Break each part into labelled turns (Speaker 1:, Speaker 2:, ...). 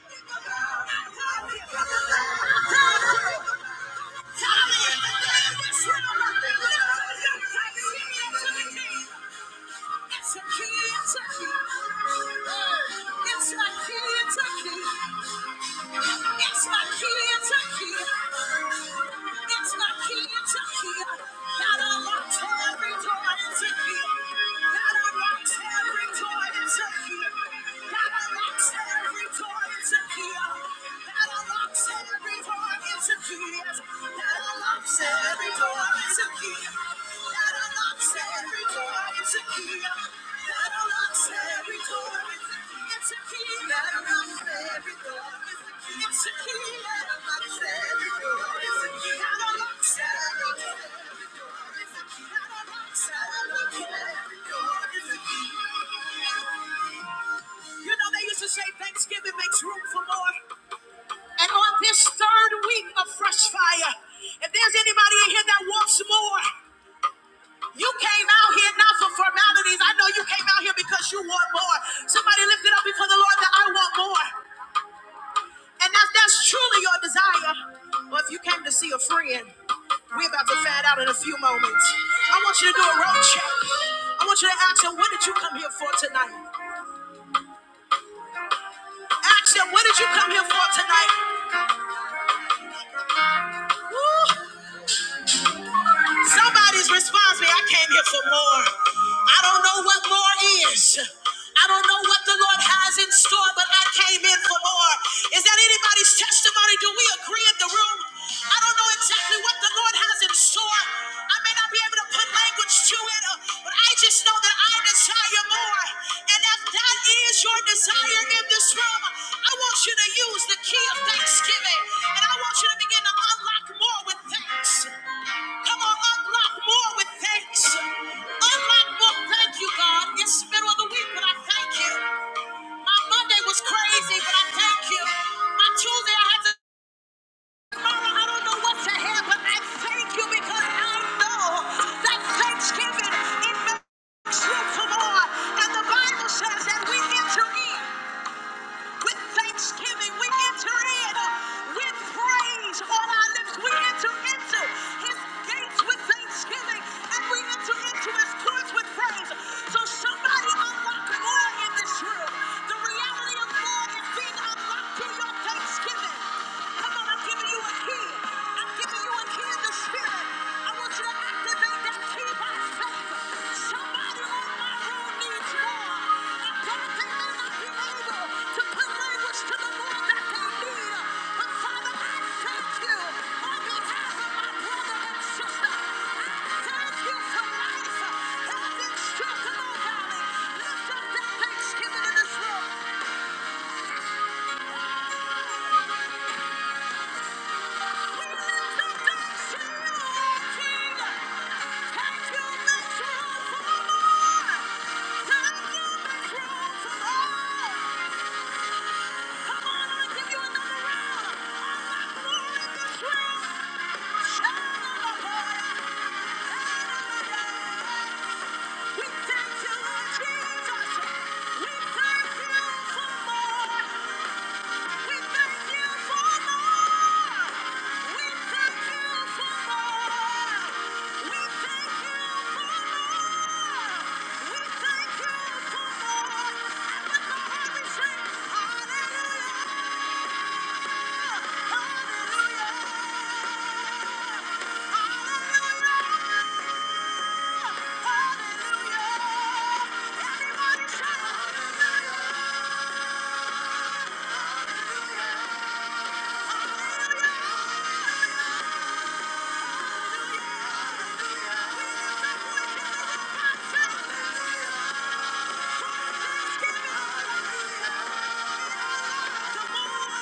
Speaker 1: That God unlocks every door in Turkey. You know, they used to say Thanksgiving makes room for more. And on this third week of fresh fire, if there's anybody in here that wants more, you came out here not for formalities. I know you came out here because you want more. Somebody lift it up before the Lord that I want more. And that's that's truly your desire. Well, if you came to see a friend, we're about to find out in a few moments. I want you to do a road check. I want you to ask him, what did you come here for tonight? Ask him, what did you come here for tonight? Somebody's responsibility. I came here for more. I don't know what more is. I don't know what the Lord has in store, but I came in for more. Is that anybody's testimony? Do we agree in the room? I don't know exactly what the Lord has in store. I may not be able to put language to it, uh, but I just know that I desire more. And if that is your desire in this room, I want you to use the key of thanksgiving. And I want you to begin to unlock more with thanks. Come on, unlock more with thanks. Unlock more. Thank you, God. It's the middle of the week, but I thank you. My Monday was crazy, but I thank you. My Tuesday, I had to. Tomorrow, I don't know what's ahead, but I thank you because I know that Thanksgiving it makes you for more. And the Bible says that we enter in. With thanksgiving, we enter in. With praise on our lips, we enter into his gates with thanksgiving, and we enter into his courts with praise. So somebody unlock more in this room. The reality of more is being unlocked in your thanksgiving. Come on, I'm giving you a key. I'm giving you a key in the spirit. I want Thanksgiving in this room. We thank you, Lord Jesus. We thank you for more. We thank you for more. We thank you for more. We thank you for more. We thank you for more. And with Hallelujah, Hallelujah, Hallelujah, Hallelujah. Everybody shout Hallelujah, Hallelujah. Hallelujah.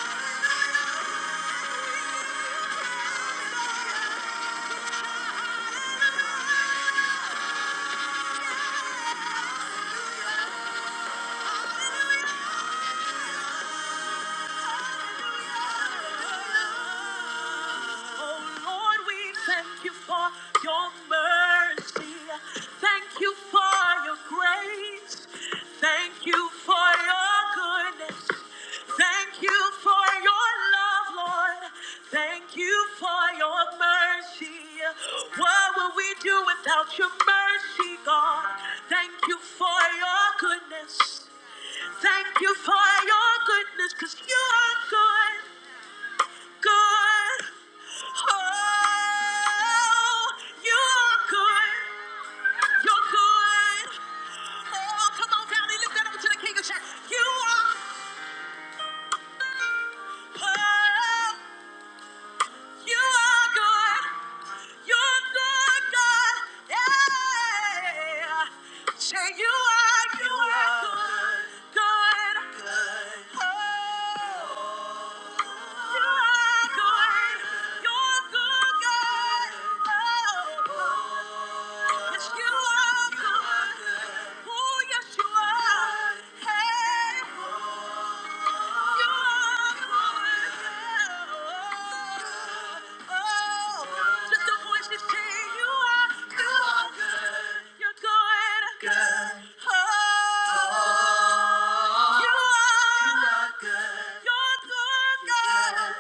Speaker 1: Oh Lord, we thank you for your mercy. Thank you for your grace. Thank you for your goodness. Thank you for your love, Lord. Thank you for your mercy. What would we do without your mercy, God? Thank you for your goodness. Thank you for your goodness, cause you are good good. Oh, you are good. You're good. Oh, come on, family, lift that up to the King of Church. You are. Oh, you are good. You're good, God. Yeah. Say you are. You are good. Good. Oh. You're good, God.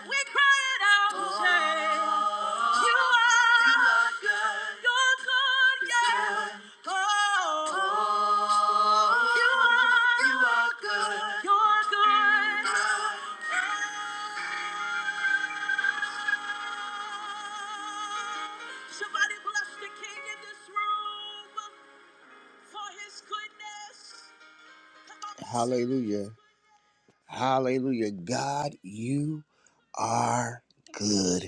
Speaker 1: We cry it out. Oh. yeah. Oh, Hallelujah. Hallelujah. God, you are good.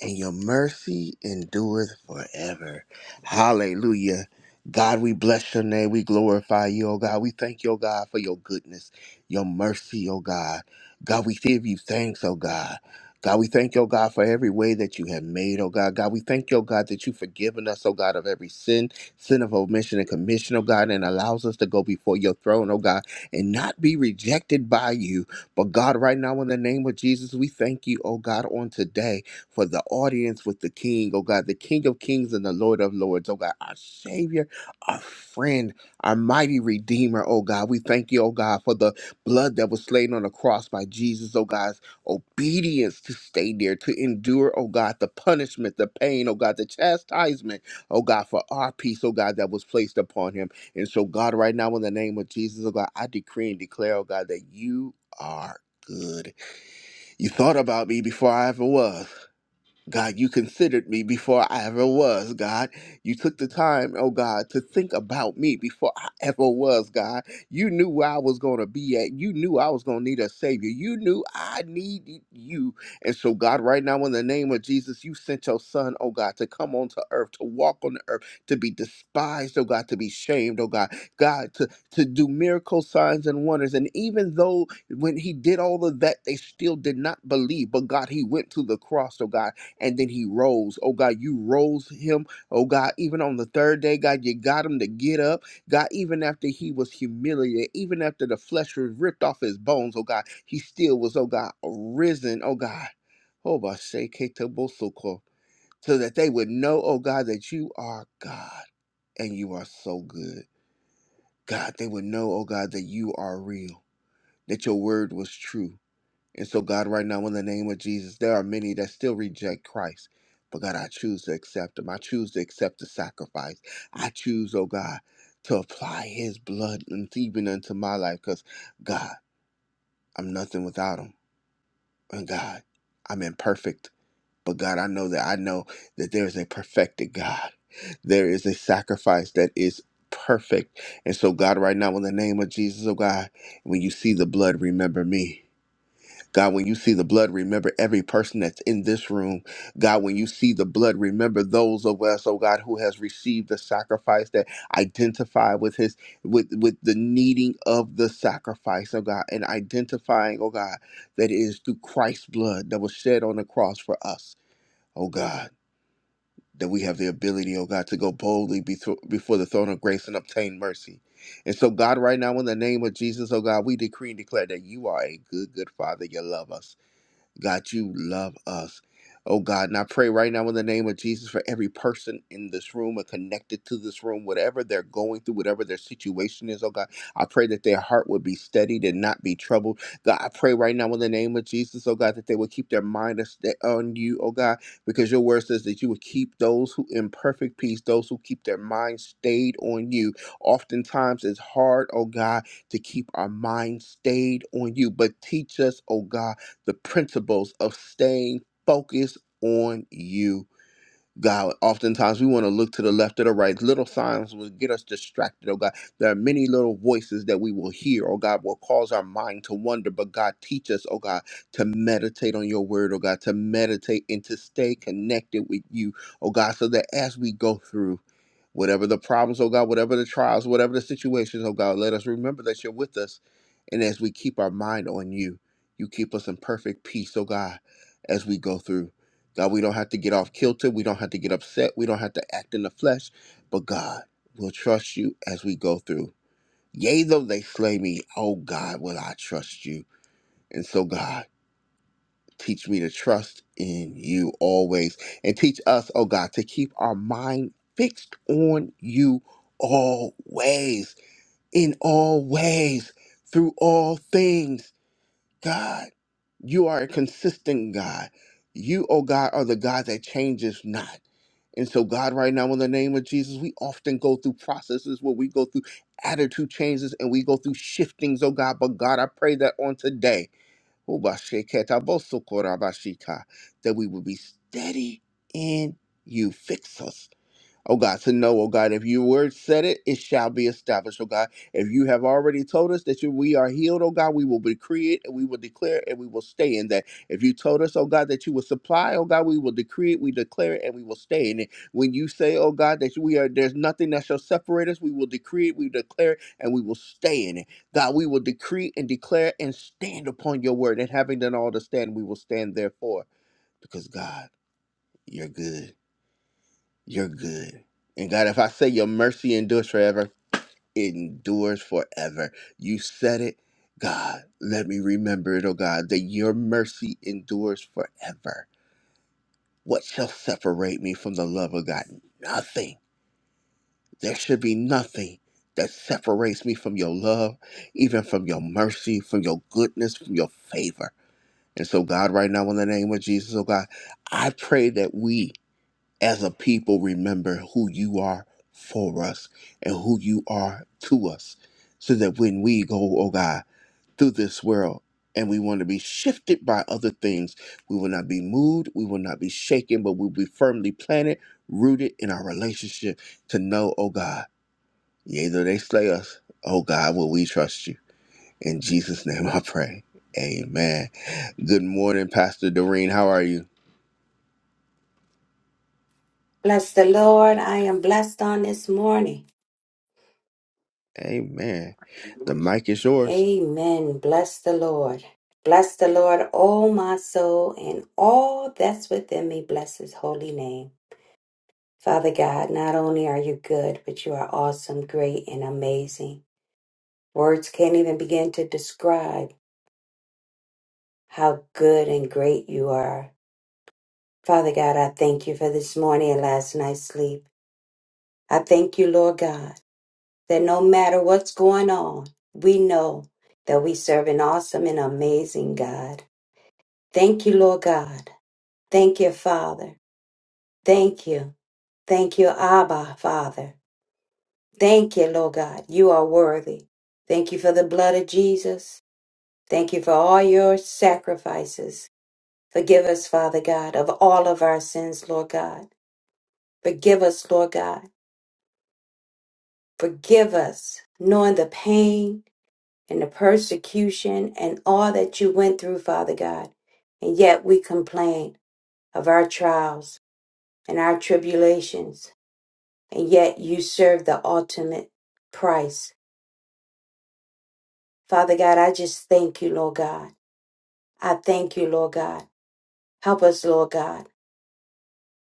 Speaker 1: and your mercy endureth forever. Hallelujah. God, we bless your name. We glorify you, oh God. We thank you, oh God, for your goodness, your mercy, oh God. God, we give you thanks, oh God. God, we thank you, oh God, for every way that you have made, oh God. God, we thank you, oh God, that you've forgiven us, oh God, of every sin, sin of omission and commission, oh God, and allows us to go before your throne, oh God, and not be rejected by you. But God, right now, in the name of Jesus, we thank you, oh God, on today for the audience with the King, oh God, the King of Kings and the Lord of Lords, oh God, our Savior, our friend, our mighty Redeemer, oh God. We thank you, oh God, for the blood that was slain on the cross by Jesus, oh God's obedience to stay there, to endure, oh God, the punishment, the pain, oh God, the chastisement, oh God, for our peace, oh God, that was placed upon him. And so, God, right now, in the name of Jesus, oh God, I decree and declare, oh God, that you are good. You thought about me before I ever was. God, you considered me before I ever was, God. You took the time, oh God, to think about me before I ever was, God. You knew where I was going to be at. You knew I was going to need a Savior. You knew I needed you. And so, God, right now, in the name of Jesus, you sent your Son, oh God, to come onto earth, to walk on the earth, to be despised, oh God, to be shamed, oh God, God, to, to do miracle signs and wonders. And even though when he did all of that, they still did not believe, but God, he went to the cross, oh God and then he rose. Oh God, you rose him. Oh God, even on the third day, God, you got him to get up. God, even after he was humiliated, even after the flesh was ripped off his bones, oh God, he still was, oh God, risen, oh God. Oh, Basheketobosoko, so cool. So that they would know, oh God, that you are God and you are so good. God, they would know, oh God, that you are real, that your word was true and so, God, right now, in the name of Jesus, there are many that still reject Christ. But God, I choose to accept him. I choose to accept the sacrifice. I choose, oh God, to apply his blood and even unto my life. Because, God, I'm nothing without him. And God, I'm imperfect. But God, I know that I know that there is a perfected God. There is a sacrifice that is perfect. And so, God, right now, in the name of Jesus, oh God, when you see the blood, remember me. God, when you see the blood, remember every person that's in this room. God, when you see the blood, remember those of us, oh God, who has received the sacrifice that identify with his with with the needing of the sacrifice, oh God, and identifying, oh God, that it is through Christ's blood that was shed on the cross for us, oh God, that we have the ability, oh God, to go boldly before before the throne of grace and obtain mercy. And so, God, right now, in the name of Jesus, oh God, we decree and declare that you are a good, good Father. You love us. God, you love us. Oh God, and I pray right now in the name of Jesus for every person in this room or connected to this room, whatever they're going through, whatever their situation is, oh God, I pray that their heart would be steadied and not be troubled. God, I pray right now in the name of Jesus, oh God, that they would keep their mind a sta- on you, oh God, because your word says that you would keep those who in perfect peace, those who keep their mind stayed on you. Oftentimes it's hard, oh God, to keep our mind stayed on you, but teach us, oh God the principles of staying focused on you, God. Oftentimes we want to look to the left or the right. Little signs will get us distracted, oh God. There are many little voices that we will hear, oh God, will cause our mind to wander. But God, teach us, oh God, to meditate on your word, oh God, to meditate and to stay connected with you, oh God, so that as we go through, Whatever the problems, oh God, whatever the trials, whatever the situations, oh God, let us remember that you're with us. And as we keep our mind on you, you keep us in perfect peace, oh God, as we go through. God, we don't have to get off kilter. We don't have to get upset. We don't have to act in the flesh. But God, we'll trust you as we go through. Yea, though they slay me, oh God, will I trust you. And so, God, Teach me to trust in you always. And teach us, oh God, to keep our mind fixed on you always, in all ways, through all things. God, you are a consistent God. You, oh God, are the God that changes not. And so, God, right now, in the name of Jesus, we often go through processes where we go through attitude changes and we go through shiftings, oh God. But, God, I pray that on today, Ubasheketabosokorabashika, That we would be steady in you. Fix us Oh God, to know, oh God, if your word said it, it shall be established, oh God. If you have already told us that you, we are healed, oh God, we will decree it and we will declare it and we will stay in that. If you told us, oh God, that you will supply, oh God, we will decree it, we declare it, and we will stay in it. When you say, oh God, that we are there's nothing that shall separate us, we will decree it, we declare it, and we will stay in it. God, we will decree and declare and stand upon your word. And having done all to stand, we will stand therefore, because God, you're good. You're good. And God, if I say your mercy endures forever, it endures forever. You said it. God, let me remember it, oh God, that your mercy endures forever. What shall separate me from the love of God? Nothing. There should be nothing that separates me from your love, even from your mercy, from your goodness, from your favor. And so, God, right now, in the name of Jesus, oh God, I pray that we as a people remember who you are for us and who you are to us so that when we go oh god through this world and we want to be shifted by other things we will not be moved we will not be shaken but we'll be firmly planted rooted in our relationship to know oh god yea though they slay us oh god will we trust you in jesus name i pray amen good morning pastor doreen how are you
Speaker 2: Bless the Lord. I am blessed on this morning.
Speaker 1: amen the mic is yours
Speaker 2: Amen. Bless the Lord. Bless the Lord, O my soul, and all that's within me. Bless his holy name. Father God, not only are you good, but you are awesome, great, and amazing. Words can't even begin to describe how good and great you are. Father God, I thank you for this morning and last night's sleep. I thank you, Lord God. that no matter what's going on, we know that we serve an awesome and amazing God. Thank you, Lord God. Thank you, Father. Thank you. Thank you, Abba, Father. Thank you, Lord God. You are worthy. Thank you for the blood of Jesus. Thank you for all your sacrifices. Forgive us, Father God, of all of our sins, Lord God. Forgive us, Lord God. Forgive us, knowing the pain, and the persecution and all that you went through, Father God. And yet we complain of our trials and our tribulations, and yet you serve the ultimate price. Father God, I just thank you, Lord God. I thank you, Lord God. Help us, Lord God.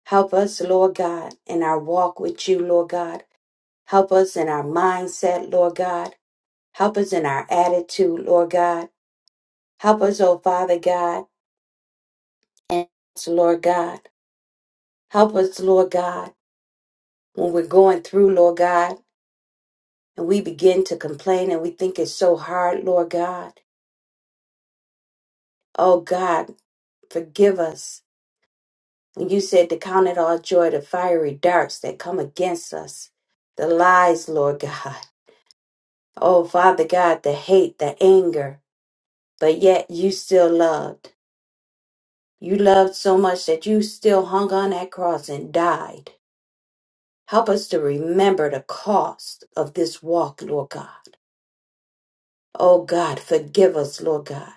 Speaker 2: Help us, Lord God, in our walk with you, Lord God. Help us in our mindset, Lord God. Help us in our attitude, Lord God. Help us, oh Father God, and Lord God. Help us, Lord God, when we're going through, Lord God, and we begin to complain and we think it's so hard, Lord God. Oh God, forgive us. When you said to count it all joy, the fiery darts that come against us, the lies, Lord God. Oh Father God, the hate, the anger, but yet you still loved. You loved so much that you still hung on that cross and died. Help us to remember the cost of this walk, Lord God. Oh God, forgive us, Lord God.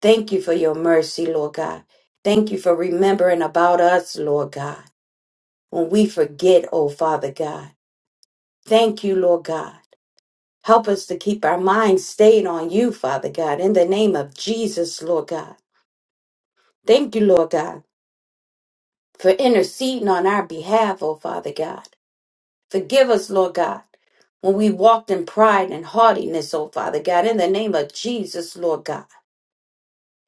Speaker 2: Thank you for your mercy, Lord God. Thank you for remembering about us, Lord God, when we forget, oh Father God. Thank you, Lord God. Help us to keep our minds stayed on you, Father God, in the name of Jesus, Lord God. Thank you, Lord God, for interceding on our behalf, oh Father God. Forgive us, Lord God, when we walked in pride and haughtiness, oh Father God, in the name of Jesus, Lord God.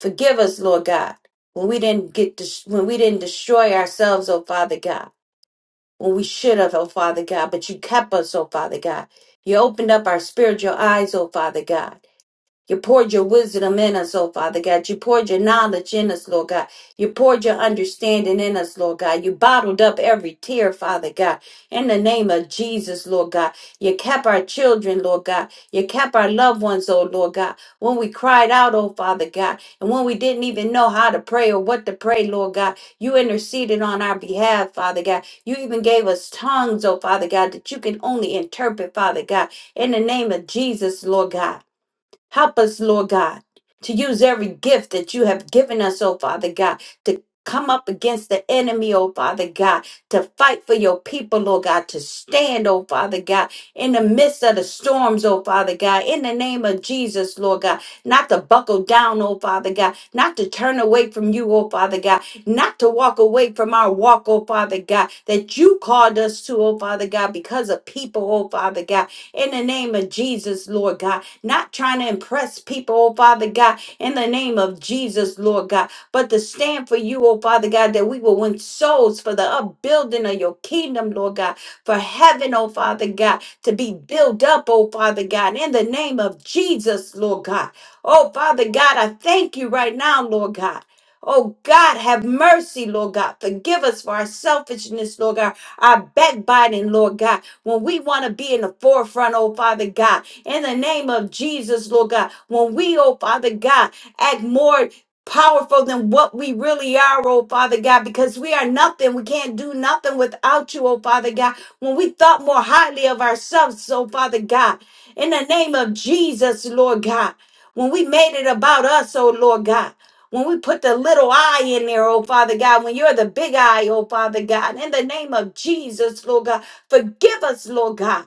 Speaker 2: Forgive us, Lord God, when we didn't get des- when we didn't destroy ourselves, oh Father God, when we should have, oh Father God, but you kept us, oh Father God. You opened up our spiritual eyes, oh Father God. You poured your wisdom in us, oh Father God. You poured your knowledge in us, Lord God. You poured your understanding in us, Lord God. You bottled up every tear, Father God. In the name of Jesus, Lord God. You kept our children, Lord God. You kept our loved ones, oh Lord God. When we cried out, oh Father God, and when we didn't even know how to pray or what to pray, Lord God, you interceded on our behalf, Father God. You even gave us tongues, oh Father God, that you can only interpret, Father God. In the name of Jesus, Lord God. Help us, Lord God, to use every gift that you have given us, oh Father God, to come up against the enemy, oh Father God, to fight for your people, Lord God, to stand, oh Father God, in the midst of the storms, oh Father God, in the name of Jesus, Lord God, not to buckle down, oh Father God, not to turn away from you, oh Father God, not to walk away from our walk, oh Father God, that you called us to, oh Father God, because of people, oh Father God, in the name of Jesus, Lord God not trying to impress people, oh Father God, in the name of Jesus, Lord God, but to stand for you, oh Father God, that we will win souls for the upbuilding of your kingdom, Lord God, for heaven, oh Father God, to be built up, oh Father God, in the name of Jesus, Lord God. Oh Father God, I thank you right now, Lord God. Oh God, have mercy, Lord God. Forgive us for our selfishness, Lord God, our backbiting, Lord God, when we want to be in the forefront, oh Father God in the name of Jesus, Lord God. When we, oh Father God, act more powerful than what we really are, oh Father God, because we are nothing. We can't do nothing without you, oh Father God. When we thought more highly of ourselves, oh Father God, in the name of Jesus, Lord God, when we made it about us, oh Lord God. When we put the little eye in there, oh Father God, when you're the big eye, oh Father God, in the name of Jesus, Lord God, forgive us, Lord God.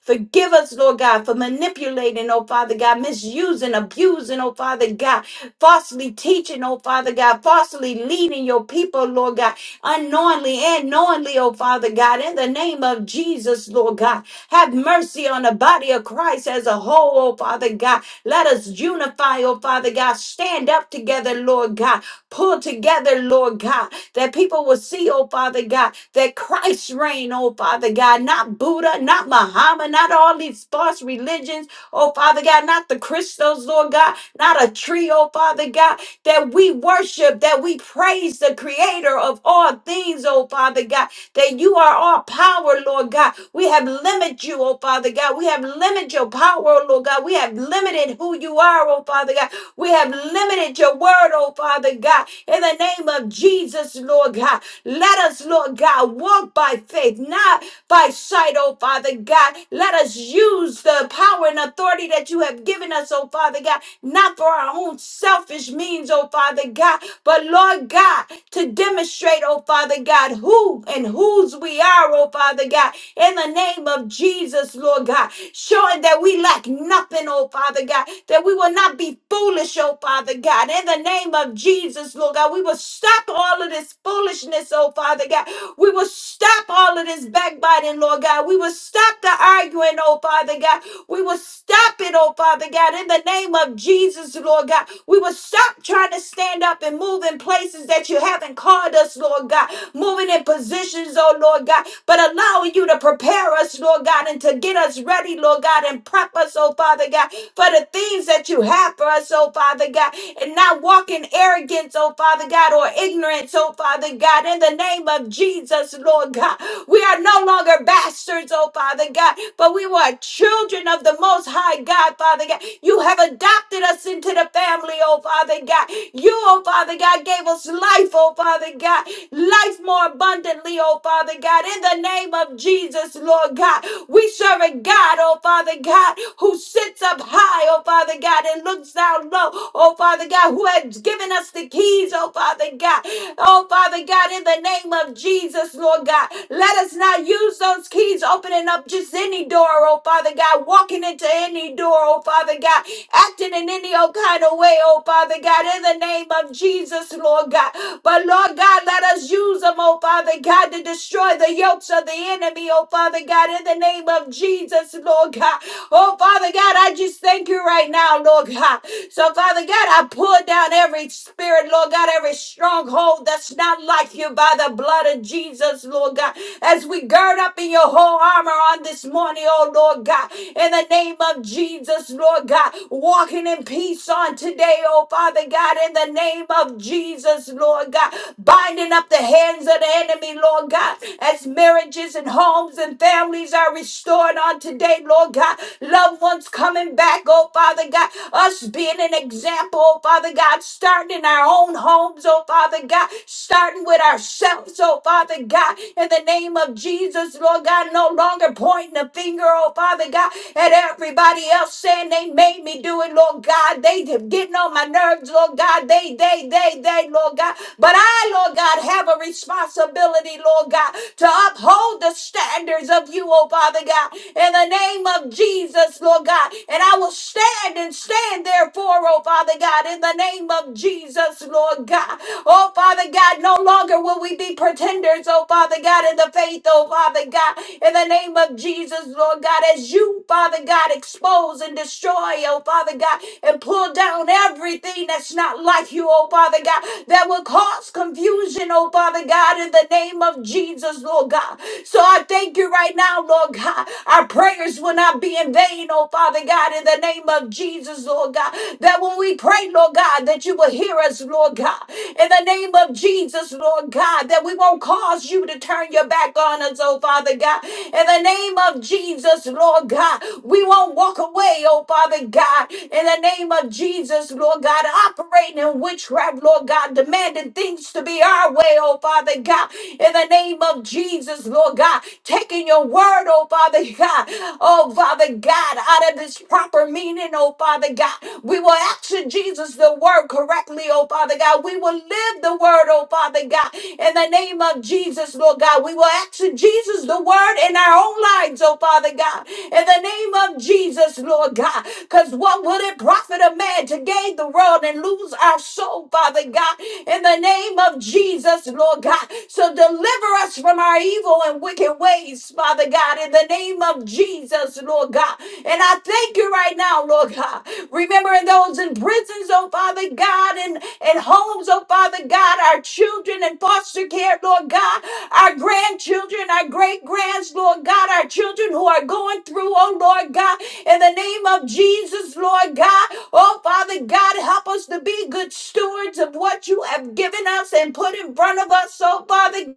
Speaker 2: Forgive us, Lord God, for manipulating, oh Father God, misusing, abusing, oh Father God, falsely teaching, oh Father God, falsely leading your people, Lord God, unknowingly and knowingly, oh Father God, in the name of Jesus, Lord God. Have mercy on the body body of Christ as a whole, oh Father God. Let us unify, oh Father God. Stand up together, Lord God. Pull together, Lord God, that people will see, oh Father God, that Christ reign, oh Father God, not Buddha, not Muhammad, not all these false religions, oh Father God, not the crystals, Lord God, not a tree, oh Father God, that we worship, that we praise the creator of all things, oh Father God, that you are all power, Lord God. We have limited you, oh Father God. We have limited your power, Lord God. We have limited who you are, oh Father God. We have limited your word, oh Father God. In the name of Jesus, Lord God, let us, Lord God, walk by faith, not by sight, oh Father God. Let us use the power and authority that you have given us, oh Father God, not for our own selfish selfish means, oh Father God, but Lord God, to demonstrate, oh Father God, who and whose we are, oh Father God, in the name of Jesus, Lord God, showing that we lack nothing, oh Father God, that we will not be foolish, oh Father God, in the name of Jesus, Lord God, we will stop all of this foolishness, oh Father God, we will stop all of this backbiting, Lord God, we will stop the arguing, oh Father God, we will stop it, oh Father God, in the name of Jesus, Lord God. We will stop trying to stand up and move in places that you haven't called us, Lord God. Moving in positions, oh Lord God, but allowing you to prepare us, Lord God, and to get us ready, Lord God, and prep us, oh Father God, for the things that you have for us, oh Father God, and not walk in arrogance, oh Father God, or ignorance, oh Father God, in the name of Jesus, Lord God. We are no longer bastards, oh Father God, but we were children of the Most High God, Father God. You have adopted us into the the family, oh Father God. You, oh Father God, gave us life, oh Father God. Life more abundantly, oh Father God. In the name of Jesus, Lord God. We serve a God, oh Father God, who sits up high, oh Father God, and looks down low, oh Father God, who has given us the keys, oh Father God. Oh Father God, in the name of Jesus, Lord God, let us not use those keys opening up just any door, oh Father God, walking into any door, oh Father God, acting in any any old kind of way, oh Father God, in the name of Jesus, Lord God. But Lord God, let us use them, oh Father God, to destroy the yokes of the enemy, oh Father God, in the name of Jesus, Lord God. Oh Father God, I just thank you right now, Lord God. So Father God, I pull down every spirit, Lord God, every stronghold that's not like you by the blood of Jesus, Lord God. As we gird up in your whole armor on this morning, oh Lord God, in the name of Jesus, Lord God, walk walking in peace on today, oh Father God, in the name of Jesus, Lord God, binding up the hands of the enemy, Lord God, as marriages and homes and families are restored on today, Lord God, loved ones coming back, oh Father God, us being an example, oh Father God, starting in our own homes, oh Father God, starting with ourselves, oh Father God, in the name of Jesus, Lord God, no longer pointing a finger, oh Father God, at everybody else saying they made me they doing, Lord God. They getting on my nerves, Lord God. They, they, they, they, Lord God. But I, Lord God, have a responsibility, Lord God, to uphold the standards of you, oh Father God, in the name of Jesus, Lord God. And I will stand and stand therefore, oh Father God, in the name of Jesus, Lord God. Oh Father God, no longer will we be pretenders, oh Father God, in the faith, oh Father God, in the name of Jesus, Lord God, as you, Father God, expose and destroy, destroy, oh Father God, and pull down everything that's not like you, oh Father God, that will cause confusion, oh Father God, in the name of Jesus, Lord God. So I thank you right now, Lord God. Our prayers will not be in vain, oh Father God, in the name of Jesus, Lord God. That when we pray, Lord God, that you will hear us, Lord God. In the name of Jesus, Lord God, that we won't cause you to turn your back on us, oh Father God. In the name of Jesus, Lord God, we won't walk away, oh Father God, in the name of Jesus, Lord God, operating in witchcraft, Lord God, demanding things to be our way, oh Father God, in the name of Jesus, Lord God, taking your word, oh Father God, oh Father God, out of this proper meaning, oh Father God, we will action Jesus the word correctly, oh Father God, we will live the word, oh Father God, in the name of Jesus, Lord God, we will action Jesus the word in our own lives, oh Father God, in the name of Jesus us, Lord God. Because what would it profit a man to gain the world and lose our soul, Father God? In the name of Jesus, Lord God. So deliver us from our evil and wicked ways, Father God. In the name of Jesus, Lord God. And I thank you right now, Lord God. Remembering those in prisons, oh Father God, and, and homes, oh Father God, our children in foster care, Lord God, our grandchildren, our great grands, Lord God, our children who are going through, oh Lord God. In the name of Jesus, Lord God, oh Father God, help us to be good stewards of what you have given us and put in front of us. So, Father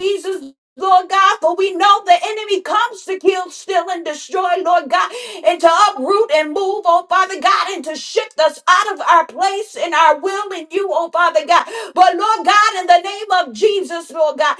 Speaker 2: Jesus, Lord God, for we know the enemy comes to kill, steal, and destroy, Lord God, and to uproot and move, oh Father God, and to shift us out of our place and our will in you, oh Father God. But Lord God, in the name of Jesus, Lord God.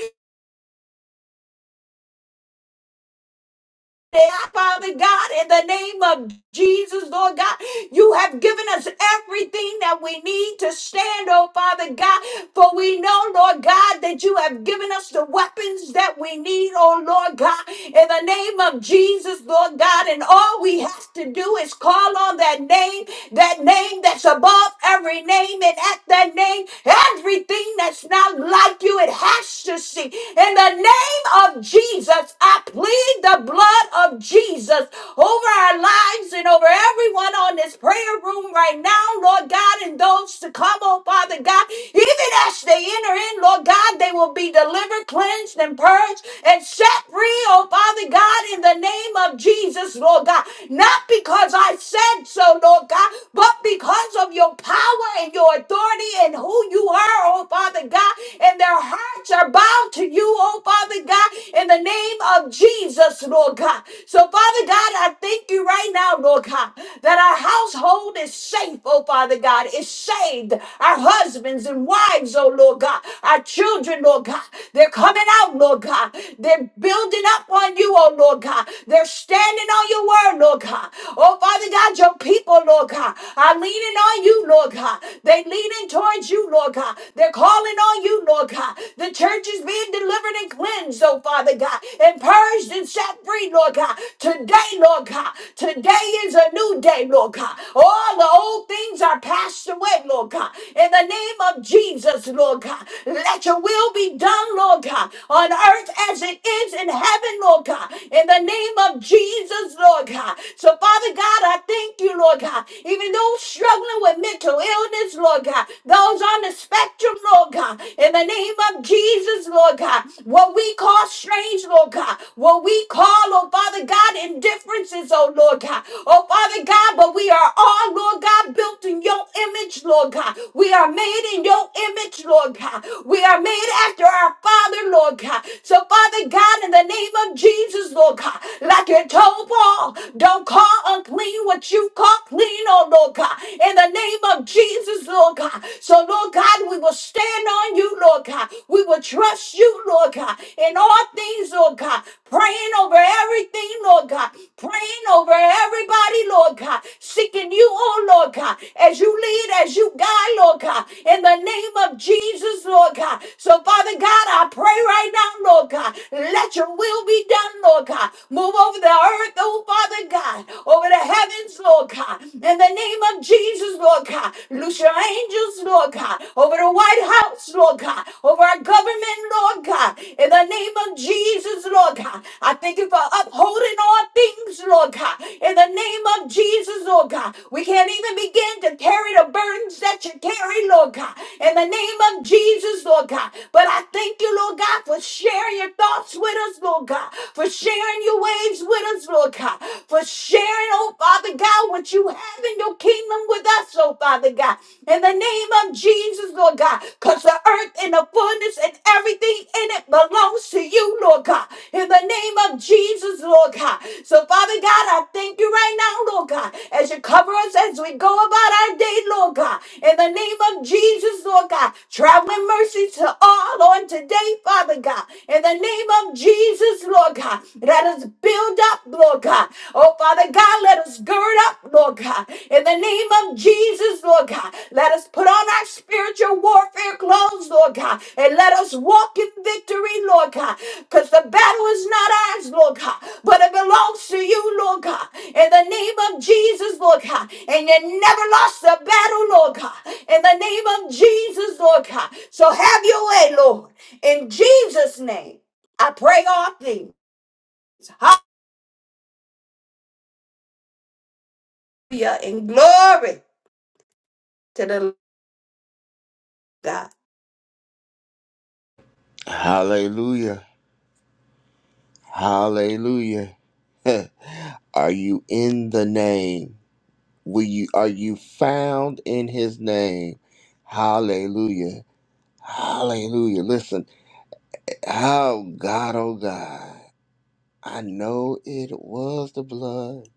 Speaker 2: Father God, in the name of Jesus, Lord God, you have given us everything that we need to stand, oh Father God. For we know, Lord God, that you have given us the weapons that we need, oh Lord God, in the name of Jesus, Lord God. And all we have to do is call on that name, that name that's above every name, and at that name, everything that's not like you, it has to see. In the name of Jesus, I plead the blood of Jesus over our lives and over everyone on this prayer room right now, Lord God, and those to come, oh oh Father God, even as they enter in, Lord God, they will be delivered, cleansed, and purged, and set free, oh Father God, in the name of Jesus, Lord God. Not because I said so, Lord God, but because of your power and your authority and who you are, oh Father God, and their hearts are bound to you, oh Father God, in the name of Jesus, Lord God. So, Father God, I thank you right now, Lord God, that our household is safe, oh Father God. God, is saved. Our husbands and wives, oh Lord God, our children, Lord God, they're coming out, Lord God. They're building up on you, oh Lord God. They're standing on your word, Lord God. Oh Father God, your people, Lord God, are leaning on you, Lord God. They leaning towards you, Lord God. They're calling on you, Lord God. The church is being delivered and cleansed, oh Father God, and purged and set free, Lord God. Today, Lord God, today is a new day, Lord God. Oh Father, old things are passed away, Lord God. In the name of Jesus, Lord God, let your will be done, Lord God, on earth as it is in heaven, Lord God. In the name of Jesus, Lord God. So, Father God, I thank you, Lord God. Even those struggling with mental illness, Lord God, those on the spectrum, Lord God, in the name of Jesus, Lord God, what we call strange, Lord God, what we call, oh Father God, indifferences, oh Lord God, oh Father Father God, but we are all, Lord God, built in your image, Lord God. We are made in your image, Lord God. We are made after our Father, Lord God. So, Father God, in the name of Jesus, Lord God, like you told Paul, don't call unclean what you call clean, oh Lord God. In the name of Jesus, Lord God. So, Lord God, we will stand on you, Lord God. We will trust you, Lord God, in all things, Lord God. Praying over everything, Lord God. Praying over everybody, Lord God, seeking you, oh Lord God, as you lead, as you guide, Lord God, in the name of Jesus, Lord God. So, Father God, I pray right now, Lord God, let your will be done, Lord God. Move over the earth, oh Father God, over the heavens, Lord God, in the name of Jesus, Lord God. Loose your angels, Lord God, over the White House, Lord God, over our government, Lord God, in the name of Jesus, Lord God. I thank you for upholding in all things, Lord God. In the name of Jesus, Lord God. We can't even begin to carry the burdens that you carry, Lord God. In the name of Jesus, Lord God. But I thank you, Lord God, for sharing your thoughts with us, Lord God. For sharing your ways with us, Lord God. For sharing, oh Father God, what you have in your kingdom with us, oh Father God. In the name of Jesus, Lord God. Because the earth and the fullness and everything in it belongs to you, Lord God. In the name name of Jesus, Lord God. So, Father God, I thank you right now, Lord God, as you cover us as we go about our day, Lord God. In the name of Jesus, Lord God, traveling mercy to all on today, Father God. In the name of Jesus, Lord God, let us build up, Lord God. Oh, Father God, let us gird up, Lord God. In the name of Jesus, Lord God, let us put on our spiritual warfare clothes, Lord God, and let us walk in victory, Lord God. Because the battle is not ours, Lord God, but it belongs to you, Lord God. In the name of Jesus, Lord God. And you never lost the battle, Lord God. In the name of Jesus, Lord God. So have your way, Lord. In Jesus' name, I pray all things. Hallelujah and glory to the Lord God.
Speaker 1: Hallelujah. Hallelujah. are you in the name? Will you are you found in his name? Hallelujah. Hallelujah. Listen. Oh God, oh God. I know it was the blood.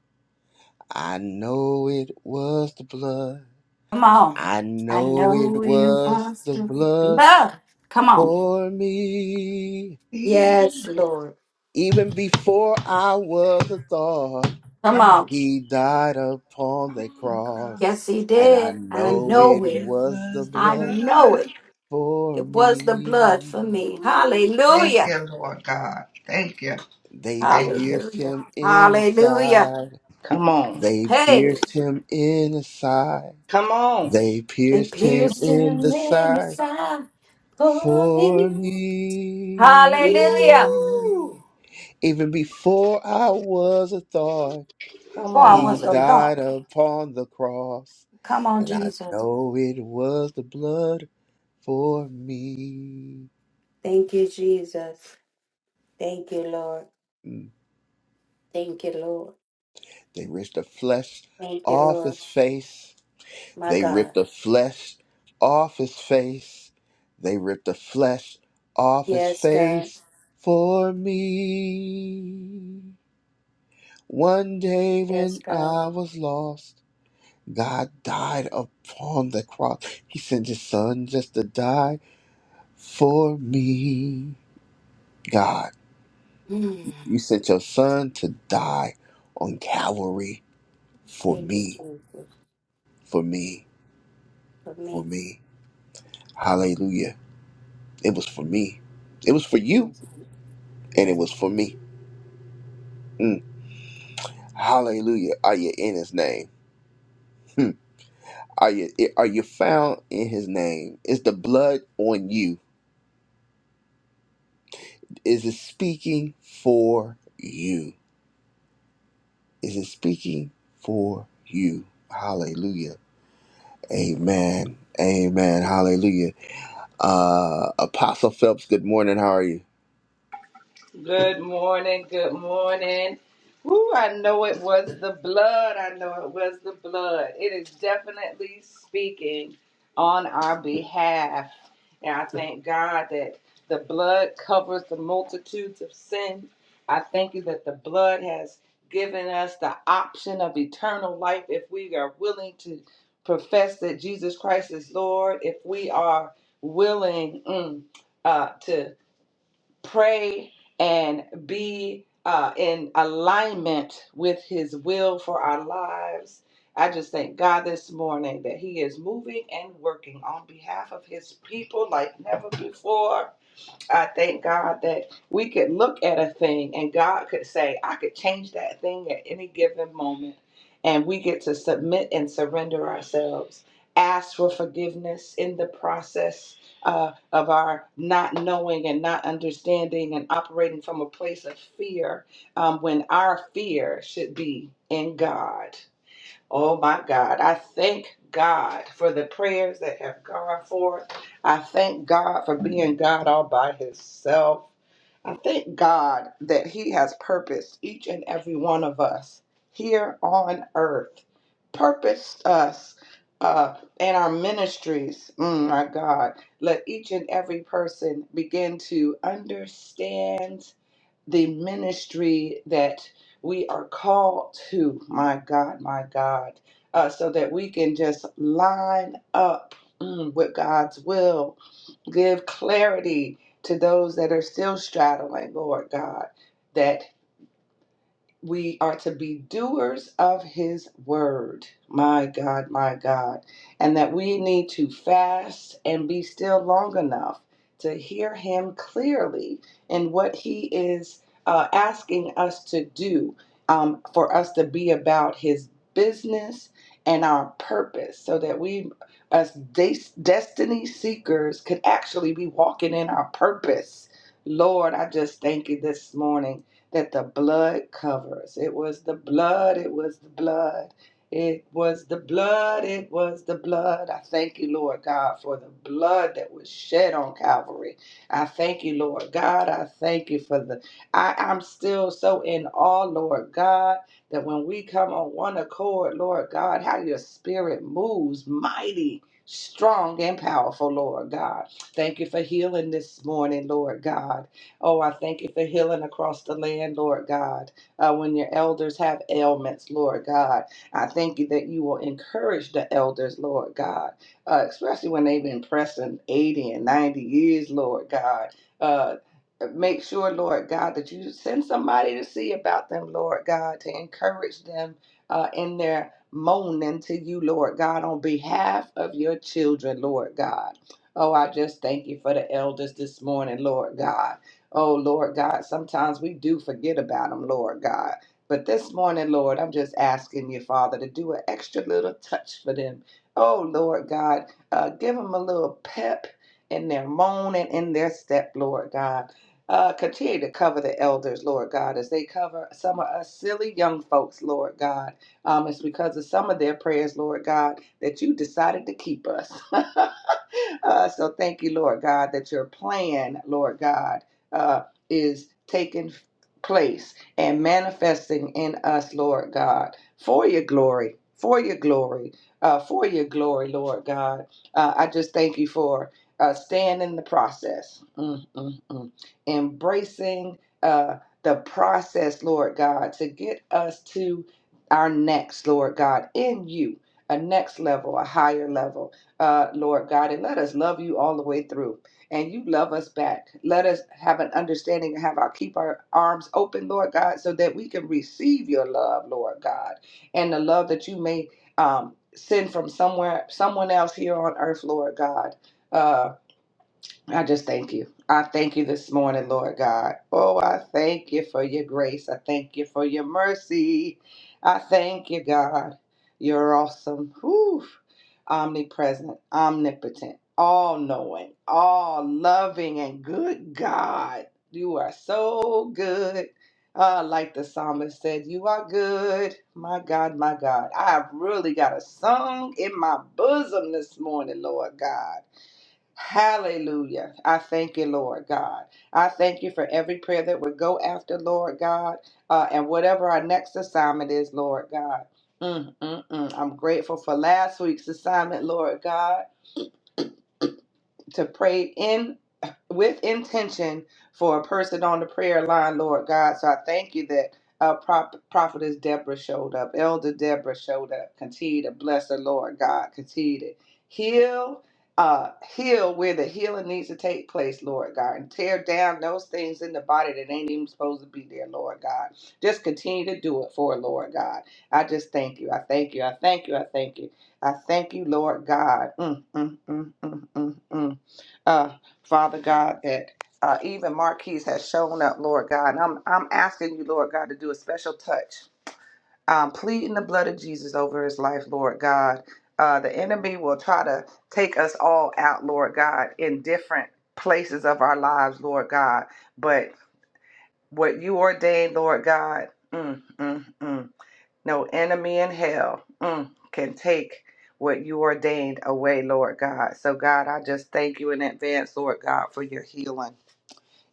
Speaker 1: I know it was the blood.
Speaker 2: Come on.
Speaker 1: I
Speaker 2: I
Speaker 1: know
Speaker 2: know
Speaker 1: it
Speaker 2: it
Speaker 1: was
Speaker 2: was
Speaker 1: the
Speaker 2: the
Speaker 1: blood
Speaker 2: blood. Come on.
Speaker 1: for me.
Speaker 3: See,
Speaker 2: Yes, Lord.
Speaker 1: Even before I was a thought.
Speaker 2: Come
Speaker 3: come on,
Speaker 2: on.
Speaker 1: He died upon the
Speaker 3: on the
Speaker 1: cross,
Speaker 2: Yes,
Speaker 3: cross.
Speaker 2: he
Speaker 1: and I
Speaker 2: did. I
Speaker 3: I
Speaker 1: know
Speaker 2: know
Speaker 3: know
Speaker 1: it
Speaker 2: it.
Speaker 3: it
Speaker 1: was the
Speaker 3: was the
Speaker 2: I
Speaker 1: blood
Speaker 2: know
Speaker 3: blood.
Speaker 2: it.
Speaker 1: for
Speaker 2: It was the
Speaker 1: me.
Speaker 2: blood for me.
Speaker 3: Ooh, thank
Speaker 2: Hallelujah.
Speaker 3: you, Lord God. Thank you,
Speaker 1: They
Speaker 3: thank you.
Speaker 1: pierced
Speaker 2: Hallelujah.
Speaker 1: him in the
Speaker 2: Hallelujah.
Speaker 1: side.
Speaker 3: Come on,
Speaker 1: They
Speaker 2: Hey,
Speaker 1: pierced him in the side.
Speaker 3: come on.
Speaker 1: They
Speaker 2: they
Speaker 1: pierced him
Speaker 2: pierced
Speaker 1: in
Speaker 2: him
Speaker 1: the
Speaker 2: in his
Speaker 1: side
Speaker 2: side for
Speaker 1: for
Speaker 2: me.
Speaker 1: me.
Speaker 2: Hallelujah.
Speaker 3: Ooh,
Speaker 1: Even before I was a thought,
Speaker 3: come
Speaker 2: For I
Speaker 3: on,
Speaker 2: was
Speaker 1: he
Speaker 2: a
Speaker 3: come
Speaker 1: died
Speaker 2: thought.
Speaker 1: upon the cross.
Speaker 2: Come on,
Speaker 1: And I
Speaker 2: Jesus.
Speaker 1: know it was the blood for me.
Speaker 2: Thank you, Jesus. Thank you, Lord.
Speaker 1: Mm.
Speaker 2: Thank you, Lord.
Speaker 1: They ripped the flesh off his face. They ripped the flesh off his face. They ripped the flesh off his face for me. One day when I was lost, God died upon the cross. He sent his son just to die for me. God. You sent your son to die on Calvary for me, for me, for me. Hallelujah. It was for me. It was for you, and it was for me. Mm. Hallelujah. Are you in his name? Hmm. Are you are you found in his name? Is the blood on you? Is it speaking for you? Is it speaking for you? Hallelujah. Amen. Amen. Hallelujah. Uh, Apostle Phelps, good morning. How are you?
Speaker 3: Good morning. Good morning. Woo, I know it was the blood. I know it was the blood. It is definitely speaking on our behalf. And I thank God that the blood covers the multitudes of sin. I thank you that the blood has given us the option of eternal life if we are willing to profess that Jesus Christ is Lord, if we are willing mm, uh, to pray and be uh, in alignment with his will for our lives. I just thank God this morning that he is moving and working on behalf of his people like never before. I thank God that we could look at a thing and God could say, I could change that thing at any given moment. And we get to submit and surrender ourselves, ask for forgiveness in the process uh, of our not knowing and not understanding and operating from a place of fear um, when our fear should be in God. Oh my God. I thank God for the prayers that have gone forth. I thank God for being God all by Himself. I thank God that He has purposed each and every one of us here on earth, purposed us uh, and our ministries. Mm, my God. Let each and every person begin to understand the ministry that we are called to, my God, my God, uh, so that we can just line up mm, with God's will give clarity to those that are still straddling, Lord God, that we are to be doers of his word. My God, my God. And that we need to fast and be still long enough to hear him clearly in what he is uh, asking us to do um, for us to be about his business and our purpose so that we, as des- destiny seekers, could actually be walking in our purpose. Lord, I just thank you this morning that the blood covers. It was the blood, it was the blood, it was the blood, it was the blood. I thank you, Lord God, for the blood that was shed on Calvary. I thank you, Lord God. I thank you for the. I, I'm still so in awe, Lord God, that when we come on one accord, Lord God, how your spirit moves mighty. Strong and powerful, Lord God. Thank you for healing this morning, Lord God. Oh, I thank you for healing across the land, Lord God. Uh, when your elders have ailments, Lord God, I thank you that you will encourage the elders, Lord God, uh, especially when they've been pressing 80 and 90 years, Lord God. Uh, make sure, Lord God, that you send somebody to see about them, Lord God, to encourage them uh, in their moaning to you, Lord God, on behalf of your children, Lord God. Oh, I just thank you for the elders this morning, Lord God. Oh, Lord God, sometimes we do forget about them, Lord God. But this morning, Lord, I'm just asking you, Father, to do an extra little touch for them. Oh, Lord God, uh, give them a little pep in their moan and in their step, Lord God. Uh, continue to cover the elders, Lord God, as they cover some of us silly young folks, Lord God. Um, it's because of some of their prayers, Lord God, that you decided to keep us. Uh, so thank you, Lord God, that your plan, Lord God uh, is taking place and manifesting in us, Lord God, for your glory, for your glory, uh, for your glory, Lord God. Uh, I just thank you for uh, staying in the process, mm, mm, mm. embracing uh, the process, Lord God, to get us to our next, Lord God, in you. A next level, a higher level, uh, Lord God, and let us love you all the way through and you love us back. Let us have an understanding and have our keep our arms open, Lord God, so that we can receive your love, Lord God, and the love that you may um, send from somewhere, someone else here on earth, Lord God. Uh, I just thank you. I thank you this morning, Lord God. Oh, I thank you for your grace. I thank you for your mercy. I thank you, God. You're awesome. Whew. Omnipresent, omnipotent, all knowing, all loving, and good God. You are so good. Uh, like the psalmist said, you are good. My God, my God. I've really got a song in my bosom this morning, Lord God. Hallelujah. I thank you, Lord God. I thank you for every prayer that would go after, Lord God, uh, and whatever our next assignment is, Lord God. Mm, mm, mm. I'm grateful for last week's assignment, Lord God, to pray in with intention for a person on the prayer line, Lord God. So I thank you that uh, Prop- Prophetess Deborah showed up, Elder Deborah showed up. Continue to bless the Lord God. Continue to heal, uh, heal where the healing needs to take place, Lord God, and tear down those things in the body that ain't even supposed to be there, Lord God. Just continue to do it for her, Lord God. I just thank you. I thank you. I thank you. I thank you. I thank you, Lord God. Mm, mm, mm, mm, mm, mm uh, Father God, that uh, even Marquise has shown up, Lord God. And I'm, I'm asking you, Lord God, to do a special touch. Um, pleading the blood of Jesus over his life, Lord God. Uh, the enemy will try to take us all out, Lord God, in different places of our lives, Lord God. But what you ordained, Lord God, mm, mm, mm. No enemy in hell mm, can take what you ordained away, Lord God. So, God, I just thank you in advance, Lord God, for your healing.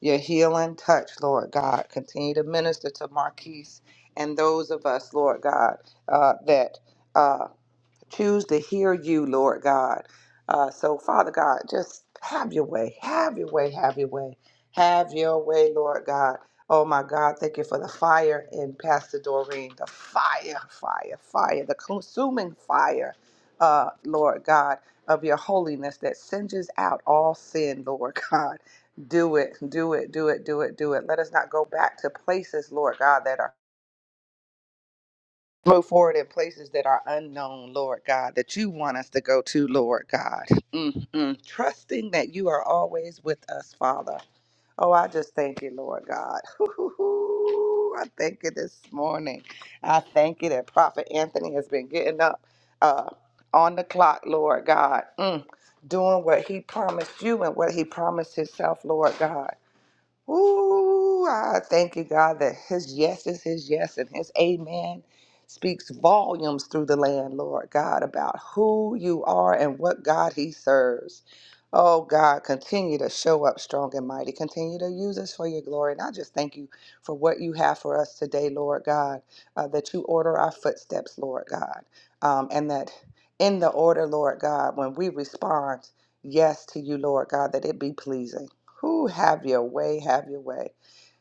Speaker 3: Your healing touch, Lord God. Continue to minister to Marquise and those of us, Lord God, uh, that. uh, choose to hear you, Lord God. Uh, so, Father God, just have your way, have your way, have your way, have your way, Lord God. Oh my God, thank you for the fire in Pastor Doreen, the fire, fire, fire, the consuming fire, uh, Lord God, of your holiness that singes out all sin, Lord God. Do it, do it, do it, do it, do it. Let us not go back to places, Lord God, that are move forward in places that are unknown, Lord God, that you want us to go to, Lord God. Mm-mm. Trusting that you are always with us, Father. Oh, I just thank you, Lord God. I thank you this morning. I thank you that Prophet Anthony has been getting up uh, on the clock, Lord God, mm, doing what he promised you and what he promised himself, Lord God. Ooh, I thank you, God, that his yes is his yes and his amen speaks volumes through the land, Lord God, about who you are and what God he serves. Oh, God, continue to show up strong and mighty. Continue to use us for your glory. And I just thank you for what you have for us today, Lord God, uh, that you order our footsteps, Lord God, um, and that in the order, Lord God, when we respond, yes to you, Lord God, that it be pleasing. Who have your way, have your way.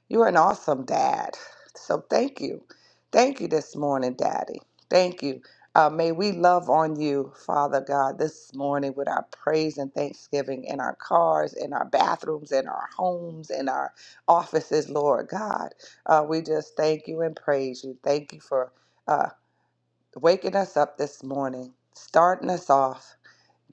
Speaker 3: You're an awesome dad. So thank you. Thank you this morning, Daddy. Thank you. Uh, may we love on you, Father God, this morning with our praise and thanksgiving in our cars, in our bathrooms, in our homes, in our offices, Lord God. Uh, we just thank you and praise you. Thank you for uh, waking us up this morning, starting us off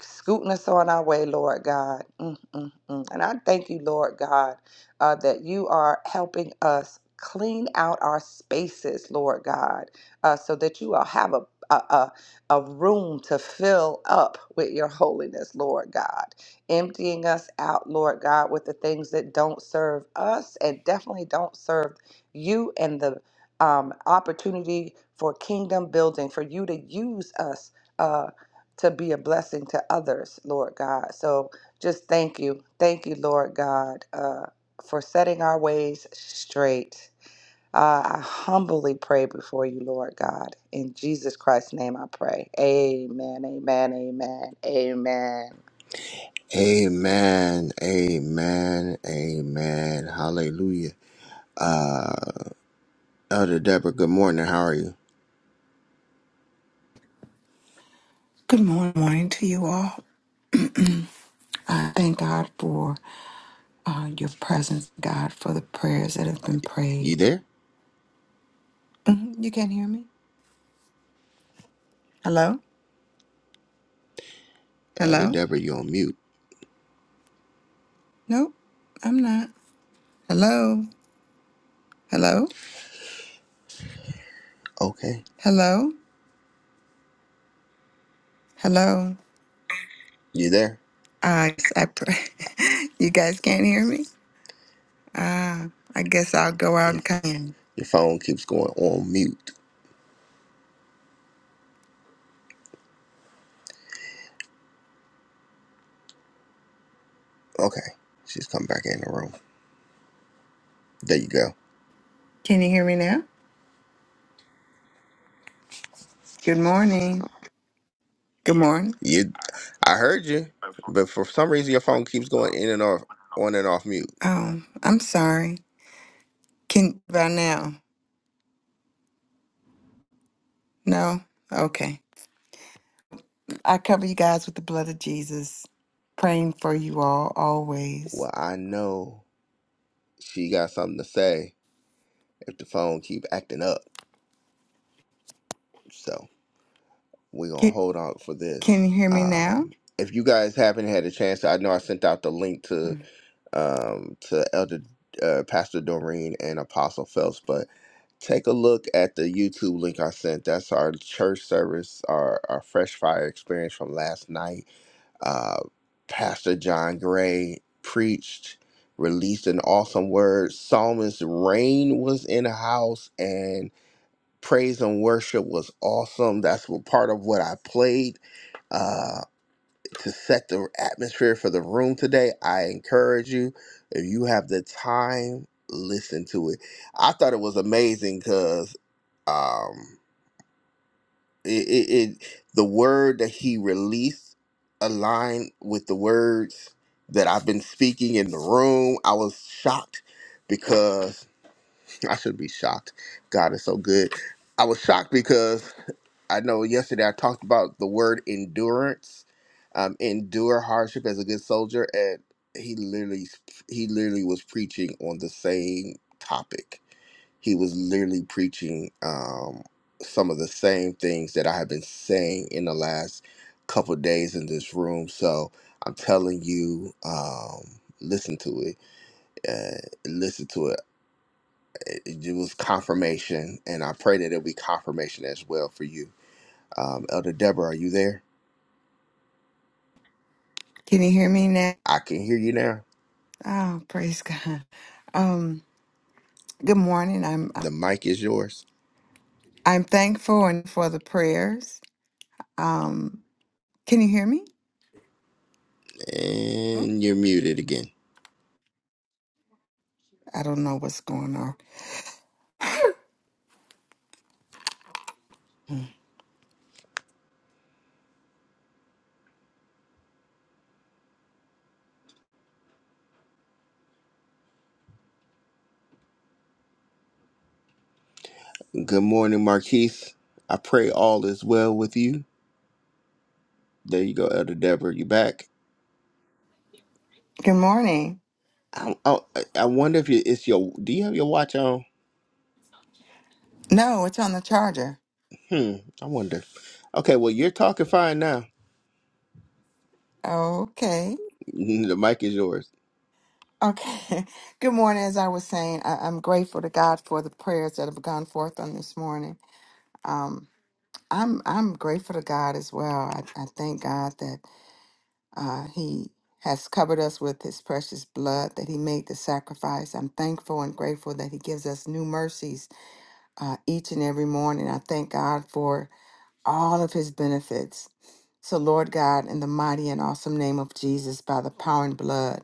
Speaker 3: scooting us on our way, Lord God. Mm, mm, mm. And I thank you, Lord God, uh, that you are helping us clean out our spaces, Lord God, uh, so that you will have a a, a a room to fill up with your holiness, Lord God, emptying us out, Lord God, with the things that don't serve us and definitely don't serve you and the um, opportunity for kingdom building, for you to use us uh, to be a blessing to others, Lord God. So just thank you. Thank you, Lord God, uh, for setting our ways straight. Uh, I humbly pray before you, Lord God. In Jesus Christ's name I pray. Amen, amen, amen, amen.
Speaker 1: Amen. Amen. Amen. Hallelujah. Uh Elder Deborah, good morning. How are you?
Speaker 4: Good morning, morning to you all. I thank God for uh, your presence, God, for the prayers that have been prayed.
Speaker 1: You there?
Speaker 4: Mhm, You can't hear me? Hello?
Speaker 1: Elder
Speaker 4: Hello?
Speaker 1: Deborah, you on mute.
Speaker 4: Nope, I'm not. Hello? Hello?
Speaker 1: Okay.
Speaker 4: Hello? Hello?
Speaker 1: You there?
Speaker 4: I, I pray. you guys can't hear me? Ah, I guess I'll go out and
Speaker 1: If
Speaker 4: come in.
Speaker 1: your phone keeps going on mute. Okay. She's come back in the room. There you go.
Speaker 4: Can you hear me now? Good morning. Good morning.
Speaker 1: You I heard you, but for some reason your phone keeps going in and off on and off mute.
Speaker 4: Oh, I'm sorry. Can by now? No? Okay. I cover you guys with the blood of Jesus, praying for you all always.
Speaker 1: Well, I know she got something to say. if the phone keep acting up. So we're gonna
Speaker 4: Can,
Speaker 1: hold on for
Speaker 4: can
Speaker 1: this.
Speaker 4: you hear me now?
Speaker 1: Um, if you guys haven't had a chance, I know I sent out the link to
Speaker 4: Mm.
Speaker 1: um, to Elder uh, Pastor Doreen and Apostle Phelps, but take a look at the YouTube link I sent. That's our church service, our, our fresh fire experience from last night. Uh, Pastor John Gray preached, released an awesome word. Psalmist Rain was in the house, and. praise and worship was awesome. That's what part of what I played uh, to set the atmosphere for the room today. I encourage you, if you have the time, listen to it. I thought it was amazing because um, it, it, it the word that he released aligned with the words that I've been speaking in the room. I was shocked because. I should be shocked. God is so good. I was shocked because I know yesterday I talked about the word endurance, um, endure hardship as a good soldier, and he literally he literally was preaching on the same topic. He was literally preaching um, some of the same things that I have been saying in the last couple of days in this room. So I'm telling you, um, listen to it. Uh, listen to it it was confirmation, and I pray that it'll be confirmation as well for you. Um, Elder Deborah, are you there?
Speaker 4: Can you hear me now?
Speaker 1: I can hear you now.
Speaker 4: Oh, praise God. Um, good morning. I'm
Speaker 1: The mic is yours,
Speaker 4: I'm thankful and for the prayers. Um, can you hear me? Oh,
Speaker 1: and you're muted again.
Speaker 4: I don't know what's going on. Mm.
Speaker 1: Good morning, Marquise. I pray all is well with you. There you go, Elder Deborah. You back?
Speaker 4: Good morning.
Speaker 1: I, I, I wonder if you, it's your. Do you have your watch on?
Speaker 4: No, it's on the charger.
Speaker 1: Hmm. I wonder. Okay. Well, you're talking fine now.
Speaker 4: Okay.
Speaker 1: The mic is yours.
Speaker 4: Okay. Good morning. As I was saying, I, I'm grateful to God for the prayers that have gone forth on this morning. Um, I'm I'm grateful to God as well. I, I thank God that uh, He has covered us with His precious blood, that He made the sacrifice. I'm thankful and grateful that He gives us new mercies uh, each and every morning. I thank God for all of His benefits. So, Lord God, in the mighty and awesome name of Jesus, by the power and blood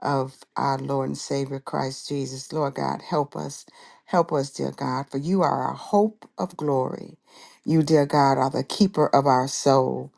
Speaker 4: of our Lord and Savior Christ Jesus. Lord God, help us. Help us, dear God, for you are our hope of glory. You, dear God, are the keeper of our soul.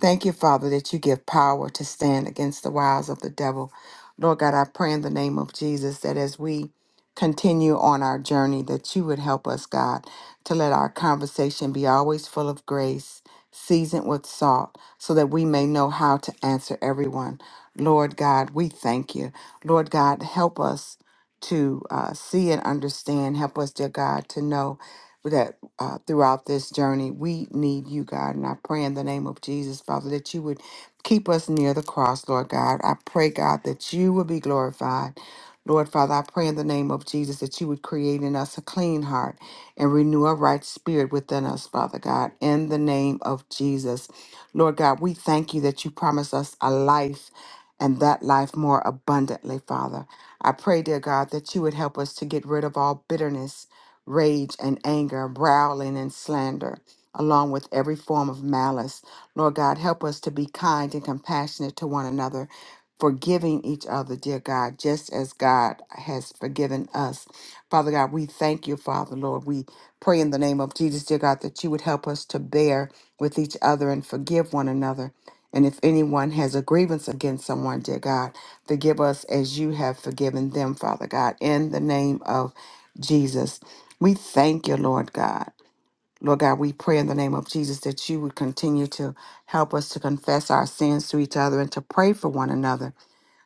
Speaker 4: Thank you, Father, that you give power to stand against the wiles of the devil. Lord God, I pray in the name of Jesus that as we continue on our journey, that you would help us, God, to let our conversation be always full of grace, seasoned with salt, so that we may know how to answer everyone. Lord God, we thank you. Lord God, help us to uh, see and understand. Help us, dear God, to know that uh, throughout this journey, we need you, God. And I pray in the name of Jesus, Father, that you would keep us near the cross, Lord God. I pray, God, that you will be glorified. Lord Father, I pray in the name of Jesus that you would create in us a clean heart and renew a right spirit within us, Father God, in the name of Jesus. Lord God, we thank you that you promise us a life and that life more abundantly, Father. I pray, dear God, that you would help us to get rid of all bitterness, rage, and anger, growling and slander. Along with every form of malice. Lord God, help us to be kind and compassionate to one another, forgiving each other, dear God, just as God has forgiven us. Father God, we thank you, Father, Lord. We pray in the name of Jesus, dear God, that you would help us to bear with each other and forgive one another and if anyone has a grievance against someone, dear God, forgive us as you have forgiven them, Father God, in the name of Jesus. We thank you, Lord God. Lord God, we pray in the name of Jesus that you would continue to help us to confess our sins to each other and to pray for one another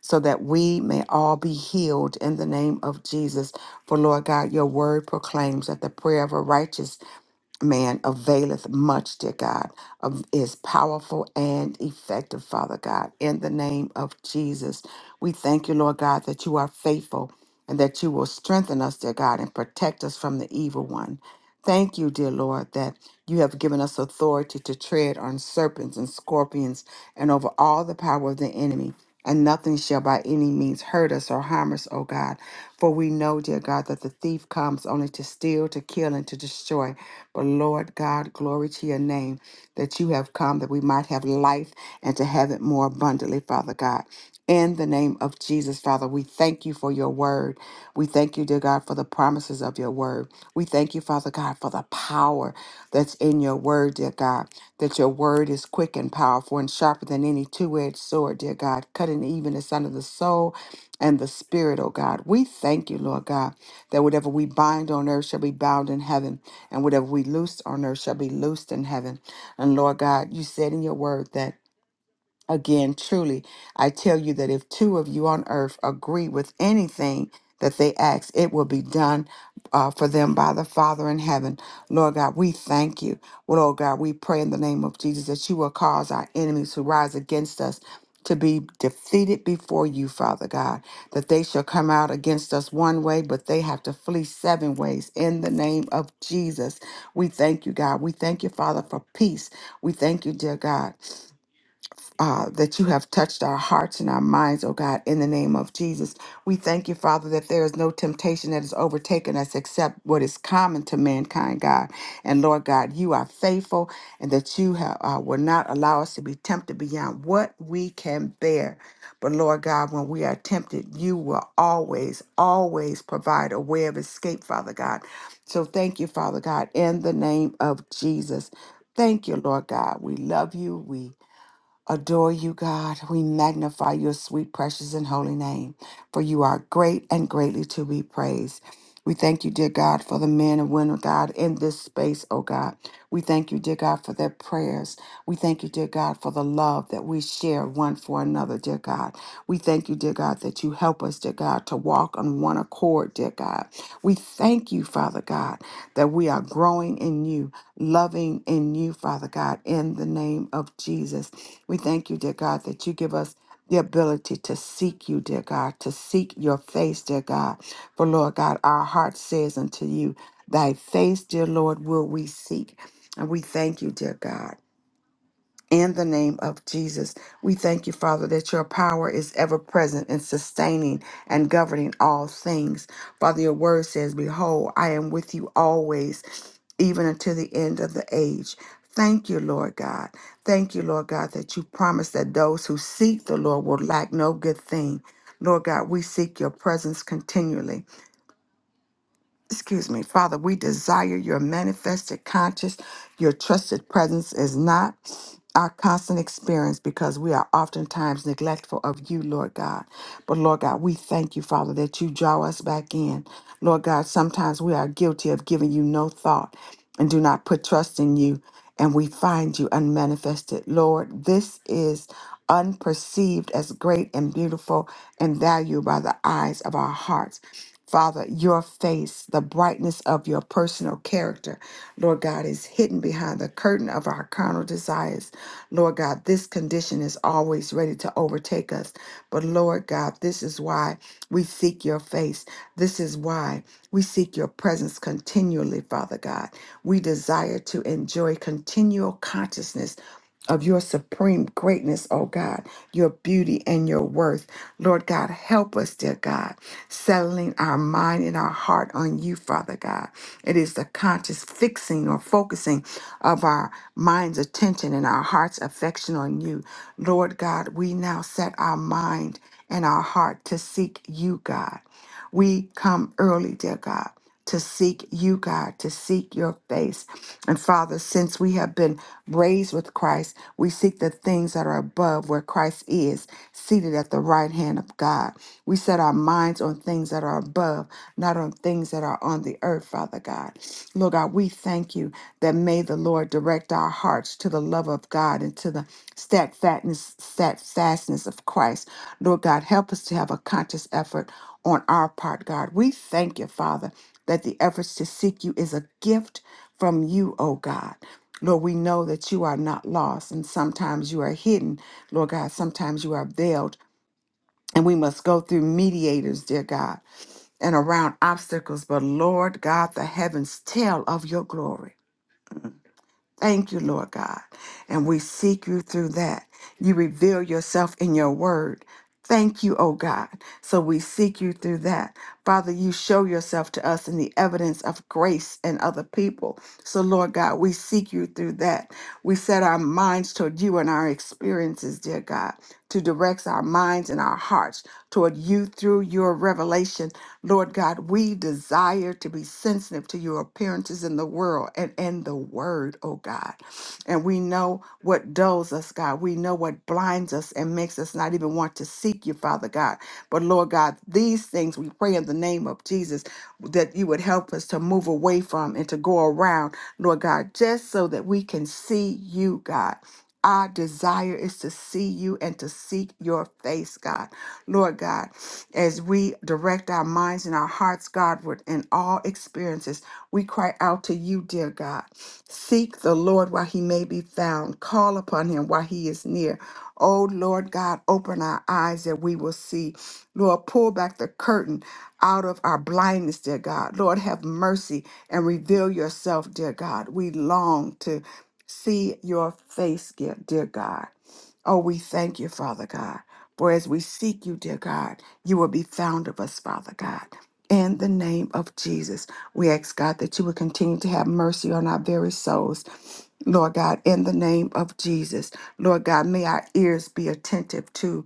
Speaker 4: so that we may all be healed in the name of Jesus. For Lord God, your word proclaims that the prayer of a righteous man availeth much, dear God, of- is powerful and effective, Father God. In the name of Jesus, we thank you, Lord God, that you are faithful and that you will strengthen us, dear God, and protect us from the evil one. Thank you, dear Lord, that you have given us authority to tread on serpents and scorpions and over all the power of the enemy. And nothing shall by any means hurt us or harm us, O God. For we know, dear God, that the thief comes only to steal, to kill, and to destroy. But Lord God, glory to your name that you have come that we might have life and to have it more abundantly, Father God. In the name of Jesus, Father, we thank you for your word. We thank you, dear God, for the promises of your word. We thank you, Father God, for the power that's in your word, dear God, that your word is quick and powerful and sharper than any two edged sword, dear God, cutting even the son of the soul and the Spirit, oh God. We thank you, Lord God, that whatever we bind on earth shall be bound in heaven, and whatever we loose on earth shall be loosed in heaven. And Lord God, you said in your word that Again, truly, I tell you that if two of you on earth agree with anything that they ask, it will be done uh, for them by the Father in heaven. Lord God, we thank you. Well, Lord God, we pray in the name of Jesus that you will cause our enemies who rise against us to be defeated before you, Father God, that they shall come out against us one way, but they have to flee seven ways in the name of Jesus. We thank you, God. We thank you, Father, for peace. We thank you, dear God uh, that you have touched our hearts and our minds, oh God, in the name of Jesus. We thank you, Father, that there is no temptation that has overtaken us except what is common to mankind, God. And Lord God, you are faithful and that you have, uh, will not allow us to be tempted beyond what we can bear. But Lord God, when we are tempted, you will always, always provide a way of escape, Father God. So thank you, Father God, in the name of Jesus. Thank you, Lord God. We love you. We adore you, God. We magnify your sweet, precious, and holy name, for you are great and greatly to be praised. We thank you, dear God, for the men and women, God, in this space, oh God. We thank you, dear God, for their prayers. We thank you, dear God, for the love that we share one for another, dear God. We thank you, dear God, that you help us, dear God, to walk on one accord, dear God. We thank you, Father God, that we are growing in you, loving in you, Father God, in the name of Jesus. We thank you, dear God, that you give us the ability to seek you, dear God, to seek your face, dear God. For Lord God, our heart says unto you, Thy face, dear Lord, will we seek. And we thank you, dear God. In the name of Jesus, we thank you, Father, that your power is ever present in sustaining and governing all things. Father, your word says, Behold, I am with you always, even until the end of the age. Thank you, Lord God. Thank you, Lord God, that you promise that those who seek the Lord will lack no good thing. Lord God, we seek your presence continually excuse me, Father, we desire your manifested conscious, your trusted presence is not our constant experience because we are oftentimes neglectful of you, Lord God. But Lord God, we thank you, Father, that you draw us back in. Lord God, sometimes we are guilty of giving you no thought and do not put trust in you, and we find you unmanifested. Lord, this is unperceived as great and beautiful and valued by the eyes of our hearts. Father, your face, the brightness of your personal character, Lord God, is hidden behind the curtain of our carnal desires. Lord God, this condition is always ready to overtake us. But Lord God, this is why we seek your face. This is why we seek your presence continually, Father God. We desire to enjoy continual consciousness of your supreme greatness, oh God, your beauty and your worth. Lord God, help us, dear God settling our mind and our heart on you, Father God. It is the conscious fixing or focusing of our mind's attention and our heart's affection on you. Lord God, we now set our mind and our heart to seek you, God. We come early, dear God, to seek you, God, to seek your face. And Father, since we have been raised with Christ, we seek the things that are above where Christ is, seated at the right hand of God. We set our minds on things that are above, not on things that are on the earth, Father God. Lord God, we thank you that may the Lord direct our hearts to the love of God and to the steadfastness, steadfastness of Christ. Lord God, help us to have a conscious effort on our part, God. We thank you, Father, that the efforts to seek you is a gift from you, oh God. Lord, we know that you are not lost, and sometimes you are hidden, Lord God. Sometimes you are veiled, and we must go through mediators, dear God, and around obstacles. But Lord God, the heavens tell of your glory. Thank you, Lord God. And we seek you through that. You reveal yourself in your word. Thank you, O God. So we seek you through that. Father, you show yourself to us in the evidence of grace and other people. So, Lord God, we seek you through that. We set our minds toward you and our experiences, dear God to direct our minds and our hearts toward you through your revelation. Lord God, we desire to be sensitive to your appearances in the world and in the word, oh God. And we know what dulls us, God. We know what blinds us and makes us not even want to seek you, Father God. But Lord God, these things we pray in the name of Jesus that you would help us to move away from and to go around, Lord God, just so that we can see you, God. Our desire is to see you and to seek your face, God. Lord God, as we direct our minds and our hearts, Godward, in all experiences, we cry out to you, dear God. Seek the Lord while he may be found, call upon him while he is near. Oh, Lord God, open our eyes that we will see. Lord, pull back the curtain out of our blindness, dear God. Lord, have mercy and reveal yourself, dear God. We long to see your face, dear dear God. Oh, we thank you, Father God. For as we seek you, dear God, you will be found of us, Father God. In the name of Jesus, we ask God that you would continue to have mercy on our very souls. Lord God, in the name of Jesus, Lord God, may our ears be attentive to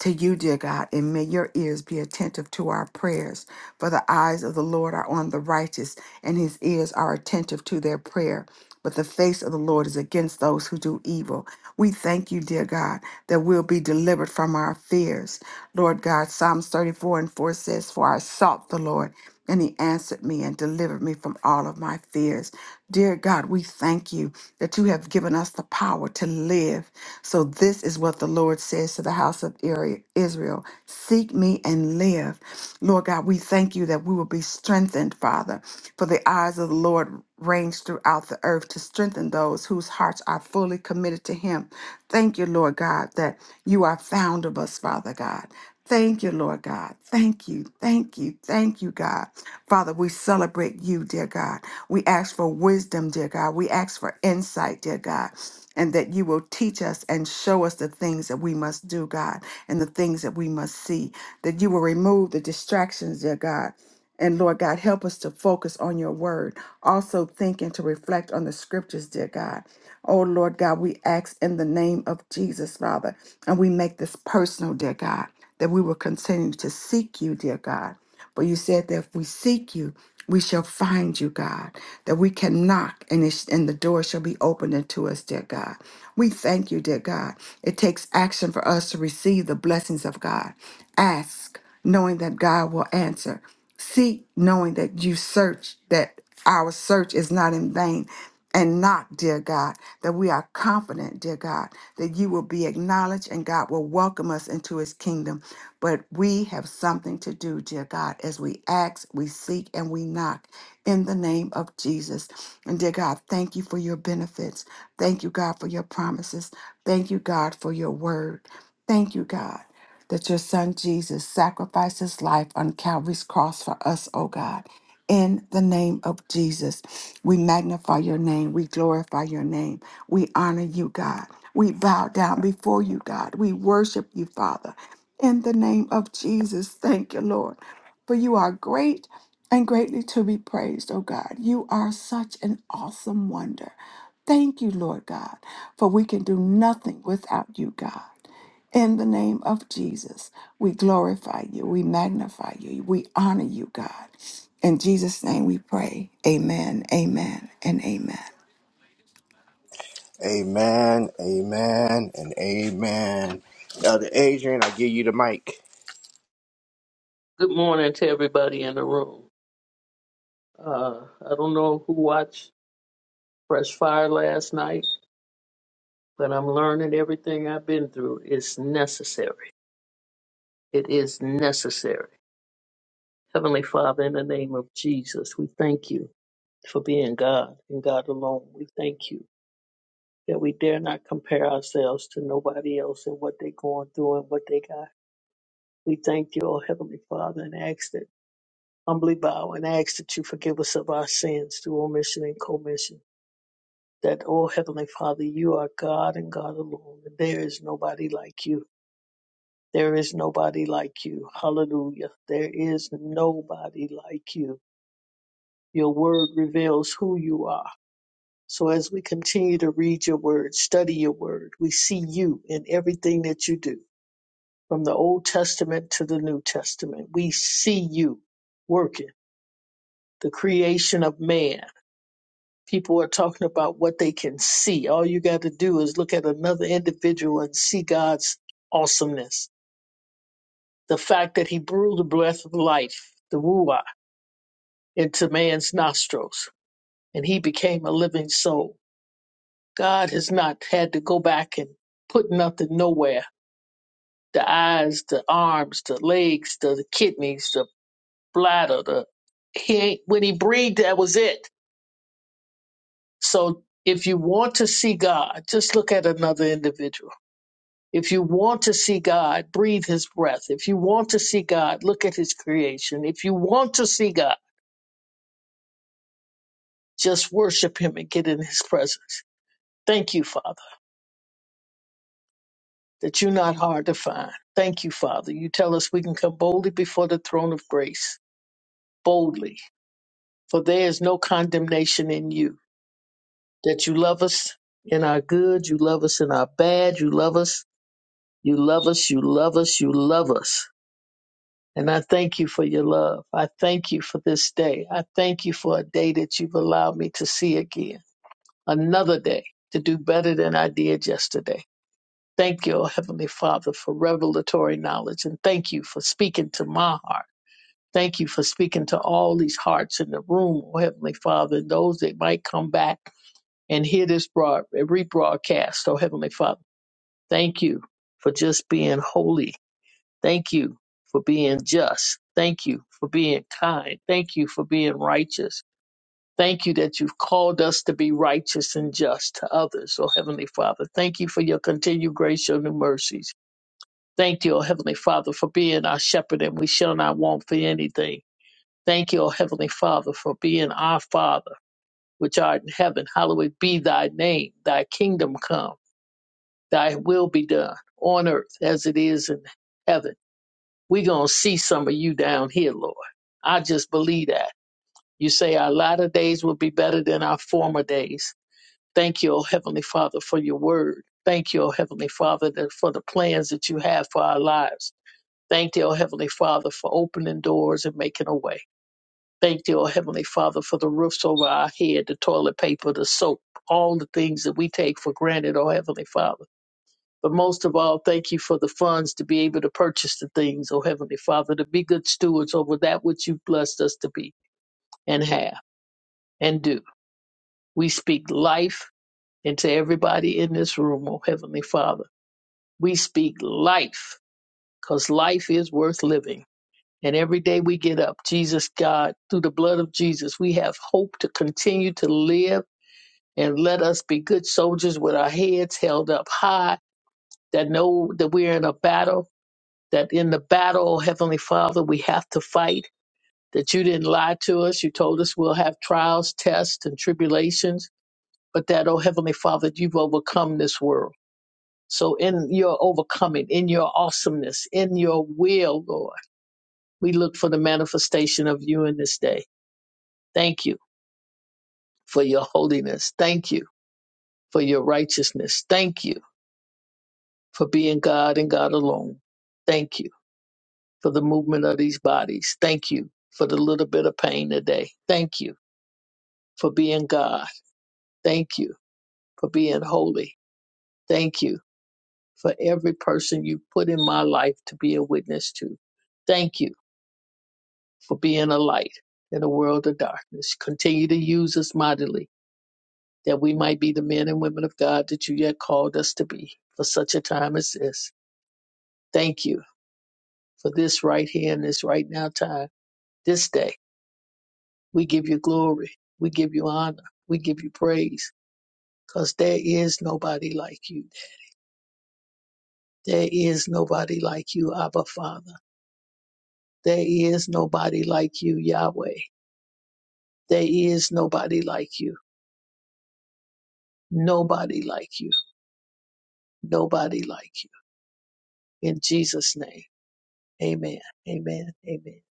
Speaker 4: to you, dear God, and may your ears be attentive to our prayers. For the eyes of the Lord are on the righteous, and his ears are attentive to their prayer. But the face of the Lord is against those who do evil. We thank you, dear God, that we'll be delivered from our fears. Lord God, Psalms 34 and 4 says, For I sought the Lord, and he answered me and delivered me from all of my fears. Dear God, we thank you that you have given us the power to live. So, this is what the Lord says to the house of Iri- Israel Seek me and live. Lord God, we thank you that we will be strengthened, Father, for the eyes of the Lord range throughout the earth to strengthen those who whose hearts are fully committed to Him. Thank you, Lord God, that you are found of us, Father God. Thank you, Lord God. Thank you, thank you, thank you, God. Father, we celebrate you, dear God. We ask for wisdom, dear God. We ask for insight, dear God, and that you will teach us and show us the things that we must do, God, and the things that we must see. That you will remove the distractions, dear God and Lord God, help us to focus on your word. Also, think and to reflect on the scriptures, dear God. Oh, Lord God, we ask in the name of Jesus, Father, and we make this personal, dear God, that we will continue to seek you, dear God. But you said that if we seek you, we shall find you, God, that we can knock and, it, sh- and the door shall be opened unto us, dear God. We thank you, dear God. It takes action for us to receive the blessings of God. Ask, knowing that God will answer. Seek knowing that you search, that our search is not in vain. And knock, dear God, that we are confident, dear God, that you will be acknowledged and God will welcome us into his kingdom. But we have something to do, dear God, as we ask, we seek, and we knock in the name of Jesus. And dear God, thank you for your benefits. Thank you, God, for your promises. Thank you, God, for your word. Thank you, God that your son Jesus sacrificed his life on Calvary's cross for us, O God. In the name of Jesus, we magnify your name. We glorify your name. We honor you, God. We bow down before you, God. We worship you, Father. In the name of Jesus, thank you, Lord. For you are great and greatly to be praised, O God. You are such an awesome wonder. Thank you, Lord God, for we can do nothing without you, God. In the name of Jesus, we glorify you, we magnify you, we honor you, God. In Jesus' name we pray. Amen, amen, and amen.
Speaker 1: Amen, amen, and amen. Elder Adrian, I give you the mic.
Speaker 5: Good morning to everybody in the room. Uh, I don't know who watched Fresh Fire last night, but I'm learning everything I've been through is necessary. It is necessary. Heavenly Father, in the name of Jesus, we thank you for being God and God alone. We thank you that we dare not compare ourselves to nobody else and what they're going through and what they got. We thank you, oh Heavenly Father, and ask that humbly bow and ask that you forgive us of our sins through omission and commission. that, oh Heavenly Father, you are God and God alone, and there is nobody like you. There is nobody like you. Hallelujah. There is nobody like you. Your word reveals who you are. So as we continue to read your word, study your word, we see you in everything that you do, from the Old Testament to the New Testament. We see you working the creation of man. people are talking about what they can see. All you got to do is look at another individual and see God's awesomeness. The fact that he blew the breath of life, the ruah, into man's nostrils, and he became a living soul. God has not had to go back and put nothing nowhere. The eyes, the arms, the legs, the, the kidneys, the bladder, the he ain't, when he breathed, that was it. So if you want to see God, just look at another individual If you want to see God, breathe his breath. If you want to see God, look at his creation. If you want to see God, just worship him and get in his presence. Thank you, Father, that you're not hard to find. Thank you, Father. You tell us we can come boldly before the throne of grace, boldly, for there is no condemnation in you. That you love us in our good, you love us in our bad, you love us, you love us, you love us, you love us. And I thank you for your love. I thank you for this day. I thank you for a day that you've allowed me to see again, another day to do better than I did yesterday. Thank you, oh Heavenly Father, for revelatory knowledge. And thank you for speaking to my heart. Thank you for speaking to all these hearts in the room, oh Heavenly Father, and those that might come back and hear this broad, rebroadcast, oh Heavenly Father. Thank you for just being holy Thank you for being just. Thank you for being kind. Thank you for being righteous. Thank you that you've called us to be righteous and just to others, oh Heavenly Father. Thank you for your continued grace, your new mercies. Thank you, oh Heavenly Father, for being our shepherd and we shall not want for anything. Thank you, oh Heavenly Father, for being our Father, which art in heaven. Hallowed be thy name. Thy kingdom come. Thy will be done on earth as it is in heaven. we're going to see some of you down here, Lord. I just believe that. You say our latter days will be better than our former days. Thank you, O Heavenly Father, for your word. Thank you, O Heavenly Father, that for the plans that you have for our lives. Thank you, O Heavenly Father, for opening doors and making a way. Thank you, O Heavenly Father, for the roofs over our head, the toilet paper, the soap, all the things that we take for granted, O Heavenly Father. But most of all, thank you for the funds to be able to purchase the things, oh Heavenly Father, to be good stewards over that which you've blessed us to be and have and do. We speak life into everybody in this room, oh Heavenly Father. We speak life because life is worth living. And every day we get up, Jesus, God, through the blood of Jesus, we have hope to continue to live and let us be good soldiers with our heads held up high that know that we're in a battle that in the battle, Heavenly Father, we have to fight, that you didn't lie to us. You told us we'll have trials, tests, and tribulations, but that, oh Heavenly Father, you've overcome this world. So in your overcoming, in your awesomeness, in your will, Lord, we look for the manifestation of you in this day. Thank you for your holiness. Thank you for your righteousness. Thank you for being God and God alone. Thank you for the movement of these bodies. Thank you for the little bit of pain today. Thank you for being God. Thank you for being holy. Thank you for every person you put in my life to be a witness to. Thank you for being a light in a world of darkness. Continue to use us mightily that we might be the men and women of God that you yet called us to be for such a time as this. Thank you for this right here and this right now time, this day. We give you glory. We give you honor. We give you praise because there is nobody like you. There is nobody like you, Abba Father. There is nobody like you, Yahweh. There is nobody like you. Nobody like you. Nobody like you. In Jesus' name. Amen. Amen. Amen.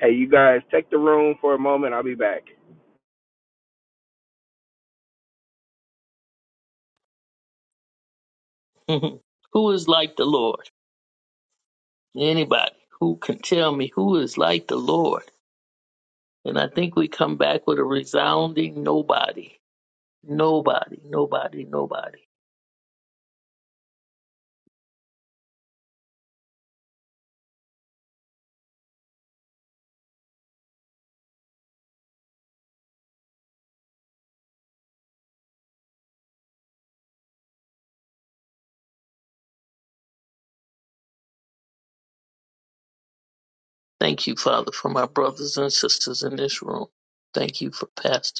Speaker 1: Hey, you guys, take the room for a moment. I'll be back.
Speaker 5: Mhm. who is like the Lord? Anybody who can tell me who is like the Lord? And I think we come back with a resounding nobody. Nobody, nobody, nobody. Thank you, Father, for my brothers and sisters in this room. Thank you for Pastor.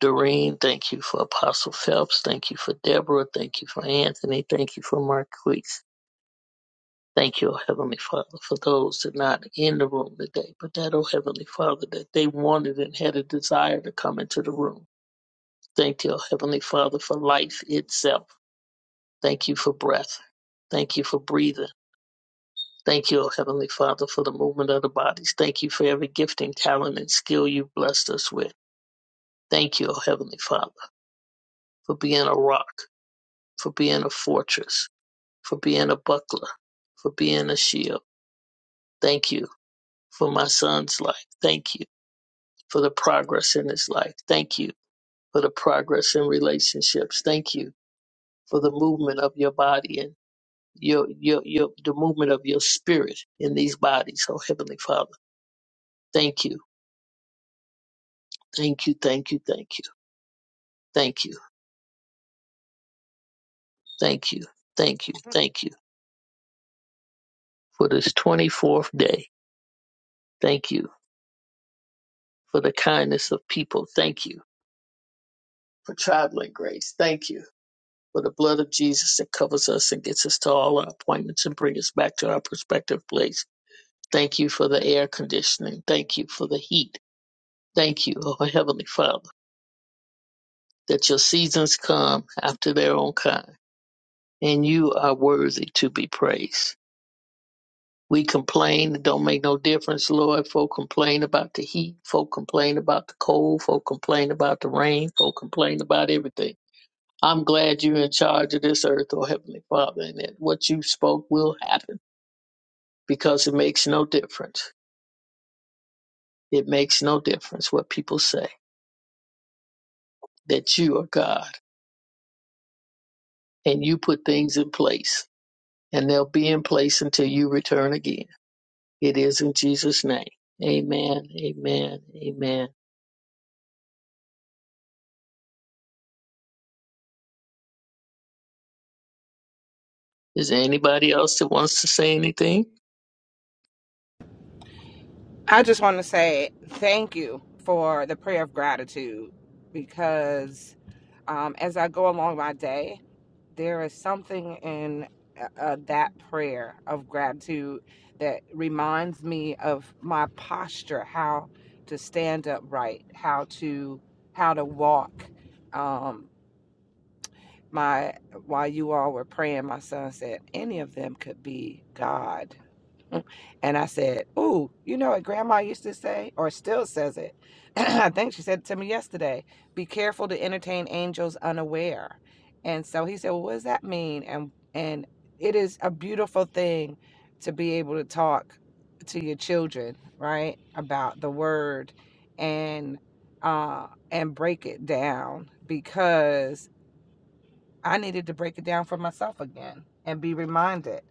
Speaker 5: Doreen. Thank you for Apostle Phelps. Thank you for Deborah. Thank you for Anthony. Thank you for Marquise. Thank you, O Heavenly Father, for those that are not in the room today, but that, O Heavenly Father, that they wanted and had a desire to come into the room. Thank you, O Heavenly Father, for life itself. Thank you for breath. Thank you for breathing. Thank you, O Heavenly Father, for the movement of the bodies. Thank you for every gifting, talent, and skill you've blessed us with. Thank you, O Heavenly Father, for being a rock, for being a fortress, for being a buckler, for being a shield. Thank you for my son's life. Thank you for the progress in his life. Thank you for the progress in relationships. Thank you for the movement of your body and your, your, your, the movement of your spirit in these bodies. Oh, Heavenly Father, thank you. Thank you. Thank you. Thank you. Thank you. Thank you. Thank you. Thank you for this 24th day. Thank you for the kindness of people. Thank you for traveling grace. Thank you for the blood of Jesus that covers us and gets us to all our appointments and brings us back to our prospective place. Thank you for the air conditioning. Thank you for the heat. Thank you, oh Heavenly Father, that your seasons come after their own kind, and you are worthy to be praised. We complain, it don't make no difference, Lord. Folk complain about the heat, folk complain about the cold, folk complain about the rain, folk complain about everything. I'm glad you're in charge of this earth, oh Heavenly Father, and that what you spoke will happen because it makes no difference. It makes no difference what people say that you are God and you put things in place and they'll be in place until you return again. It is in Jesus' name. Amen. Amen. Amen. Is there anybody else that wants to say anything?
Speaker 3: I just want to say thank you for the prayer of gratitude because um, as I go along my day. there is something in uh, uh, that prayer of gratitude that reminds me of my posture, how to stand upright, how to how to walk. Um, my while you all were praying, my son said, any of them could be God and I said, Ooh, you know what grandma used to say, or still says it? I think she said it to me yesterday be careful to entertain angels unaware. And so he said, Well, what does that mean? And and it is a beautiful thing to be able to talk to your children, right? About the word and uh and break it down because I needed to break it down for myself again and be reminded.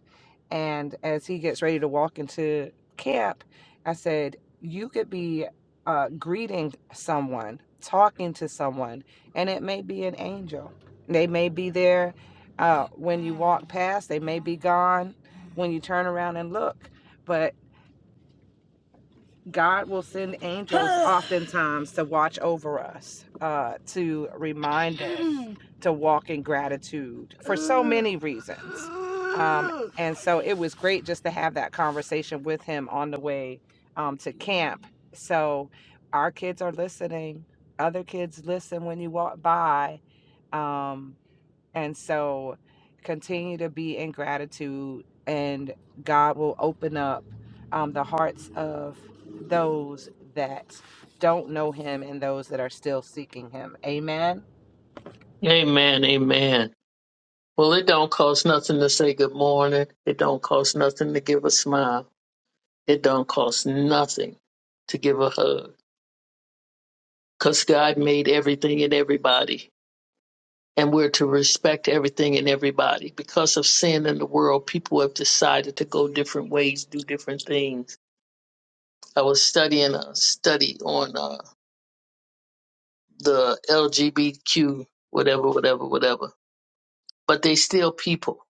Speaker 3: And as he gets ready to walk into camp, I said, You could be uh, greeting someone, talking to someone, and it may be an angel. They may be there uh, when you walk past, they may be gone when you turn around and look. but." God will send angels oftentimes to watch over us, uh, to remind us to walk in gratitude for so many reasons. Um, and so it was great just to have that conversation with him on the way um, to camp. So our kids are listening, other kids listen when you walk by. Um, and so continue to be in gratitude, and God will open up um, the hearts of those that don't know Him and those that are still seeking Him. Amen.
Speaker 5: Amen. Amen. Well, it don't cost nothing to say good morning. It don't cost nothing to give a smile. It don't cost nothing to give a hug. Because God made everything and everybody. and we're to respect everything and everybody. Because of sin in the world, people have decided to go different ways, do different things. I was studying a study on uh, the LGBTQ, whatever, whatever, whatever. But they still people.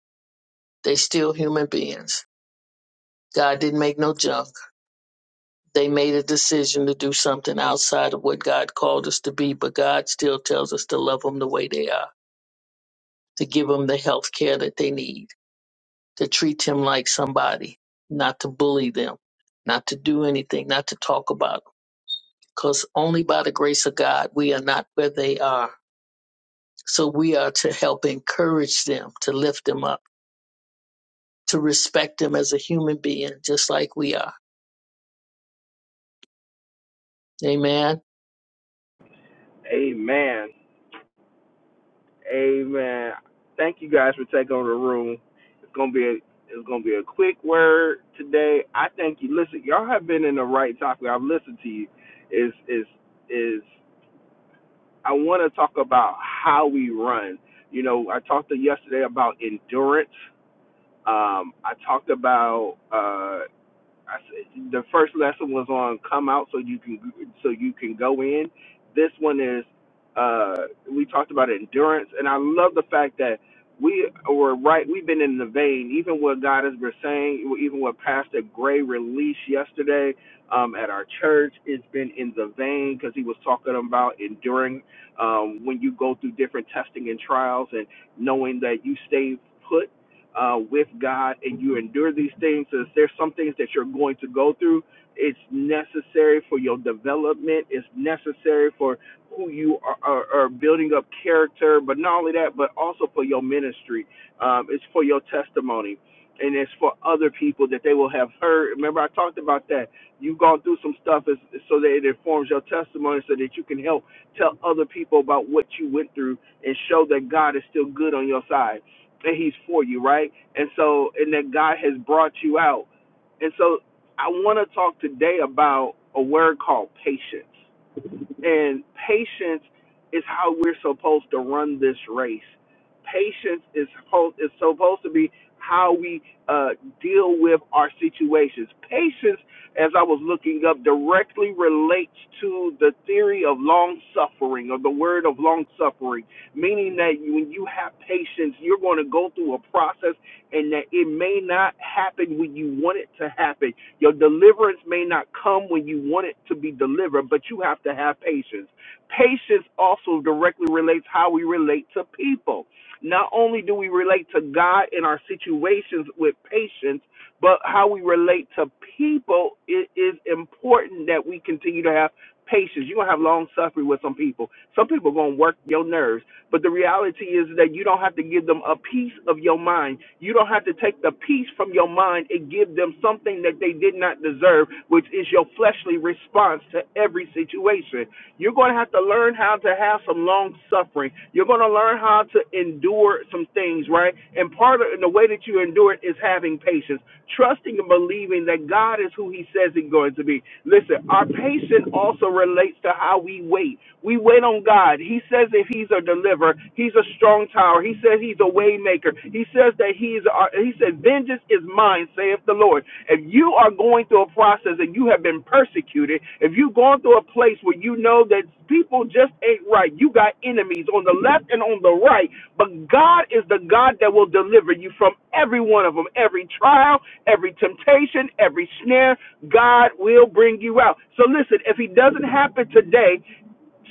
Speaker 5: They still human beings. God didn't make no junk. They made a decision to do something outside of what God called us to be, but God still tells us to love them the way they are, to give them the health care that they need to treat him like somebody, not to bully them, not to do anything, not to talk about them. Because only by the grace of God, we are not where they are. So we are to help encourage them, to lift them up, to respect them as a human being, just like we are. Amen.
Speaker 1: Amen. Amen. Thank you guys for taking over the room. It's gonna be a it's gonna be a quick word today. I think you listen. Y'all have been in the right topic. I've listened to you. Is is is I want to talk about how we run. You know, I talked to yesterday about endurance. Um, I talked about uh, I said, the first lesson was on come out so you can so you can go in. This one is uh, we talked about endurance, and I love the fact that we were right. We've been in the vein, even what God has been saying, even what Pastor Gray released yesterday um, at our church. It's been in the vein because he was talking about enduring um, when you go through different testing and trials, and knowing that you stay put uh, with God and you endure these things, as there's some things that you're going to go through. It's necessary for your development. It's necessary for who you are, are, are building up character, but not only that, but also for your ministry. Um, it's for your testimony, and it's for other people that they will have heard. Remember, I talked about that. You've gone through some stuff is, so that it informs your testimony, so that you can help tell other people about what you went through and show that God is still good on your side and he's for you, right? And so, and that God has brought you out. And so, I want to talk today about a word called patience. And patience is how we're supposed to run this race. Patience is supposed is supposed to be how we uh, deal with our situations. Patience, as I was looking up, directly relates to the theory of long suffering or the word of long suffering, meaning that you- when you have patience, you're going to go through a process and that it may not happen when you want it to happen. Your deliverance may not come when you want it to be delivered, but you have to have patience. Patience also directly relates how we relate to people. Not only do we relate to God in our situations with patience, but how we relate to people it is important that we continue to have patience. You're gonna have long suffering with some people. Some people are gonna work your nerves. But the reality is that you don't have to give them a piece of your mind. You don't have to take the piece from your mind and give them something that they did not deserve, which is your fleshly response to every situation. You're gonna have to learn learn how to have some long suffering. You're going to learn how to endure some things, right? And part of the way that you endure it is having patience, trusting and believing that God is who He says He's going to be. Listen, our patience also relates to how we wait. We wait on God. He says that He's a deliverer. He's a strong tower. He says He's a way maker. He says that He's our. He said, "Vengeance." Vengeance is mine, saith the Lord. If you are going through a process and you have been persecuted, if you've gone through a place where you know that people just ain't right, you got enemies on the left and on the right, but God is the God that will deliver you from every one of them, every trial, every temptation, every snare. God will bring you out. So listen, if he doesn't happen today,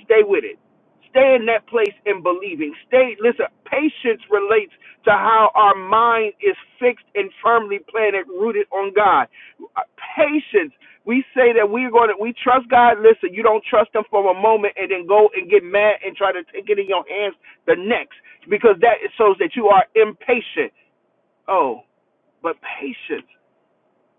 Speaker 1: stay with it. Stay in that place in believing. Stay, listen, patience relates to how our mind is fixed and firmly planted, rooted on God. Uh, Patience. We say that we're going to, we trust God. Listen, you don't trust Him for a moment and then go and get mad and try to take it in your hands the next because that shows that you are impatient. Oh, but patience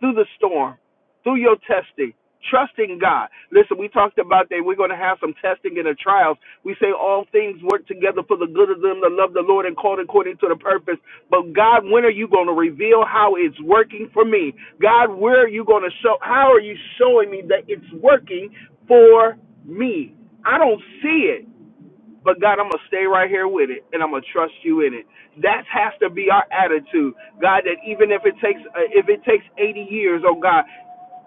Speaker 1: through the storm, through your testing, trusting God. Listen, we talked about that we're going to have some testing in the trials. We say all things work together for the good of them that love the Lord and called according to the purpose. But God, when are you going to reveal how it's working for me? God, where are you going to show? How are you showing me that it's working for me? I don't see it. But God, I'm gonna stay right here with it, and I'm gonna trust you in it. That has to be our attitude, God. That even if it takes uh, if it takes 80 years, oh God,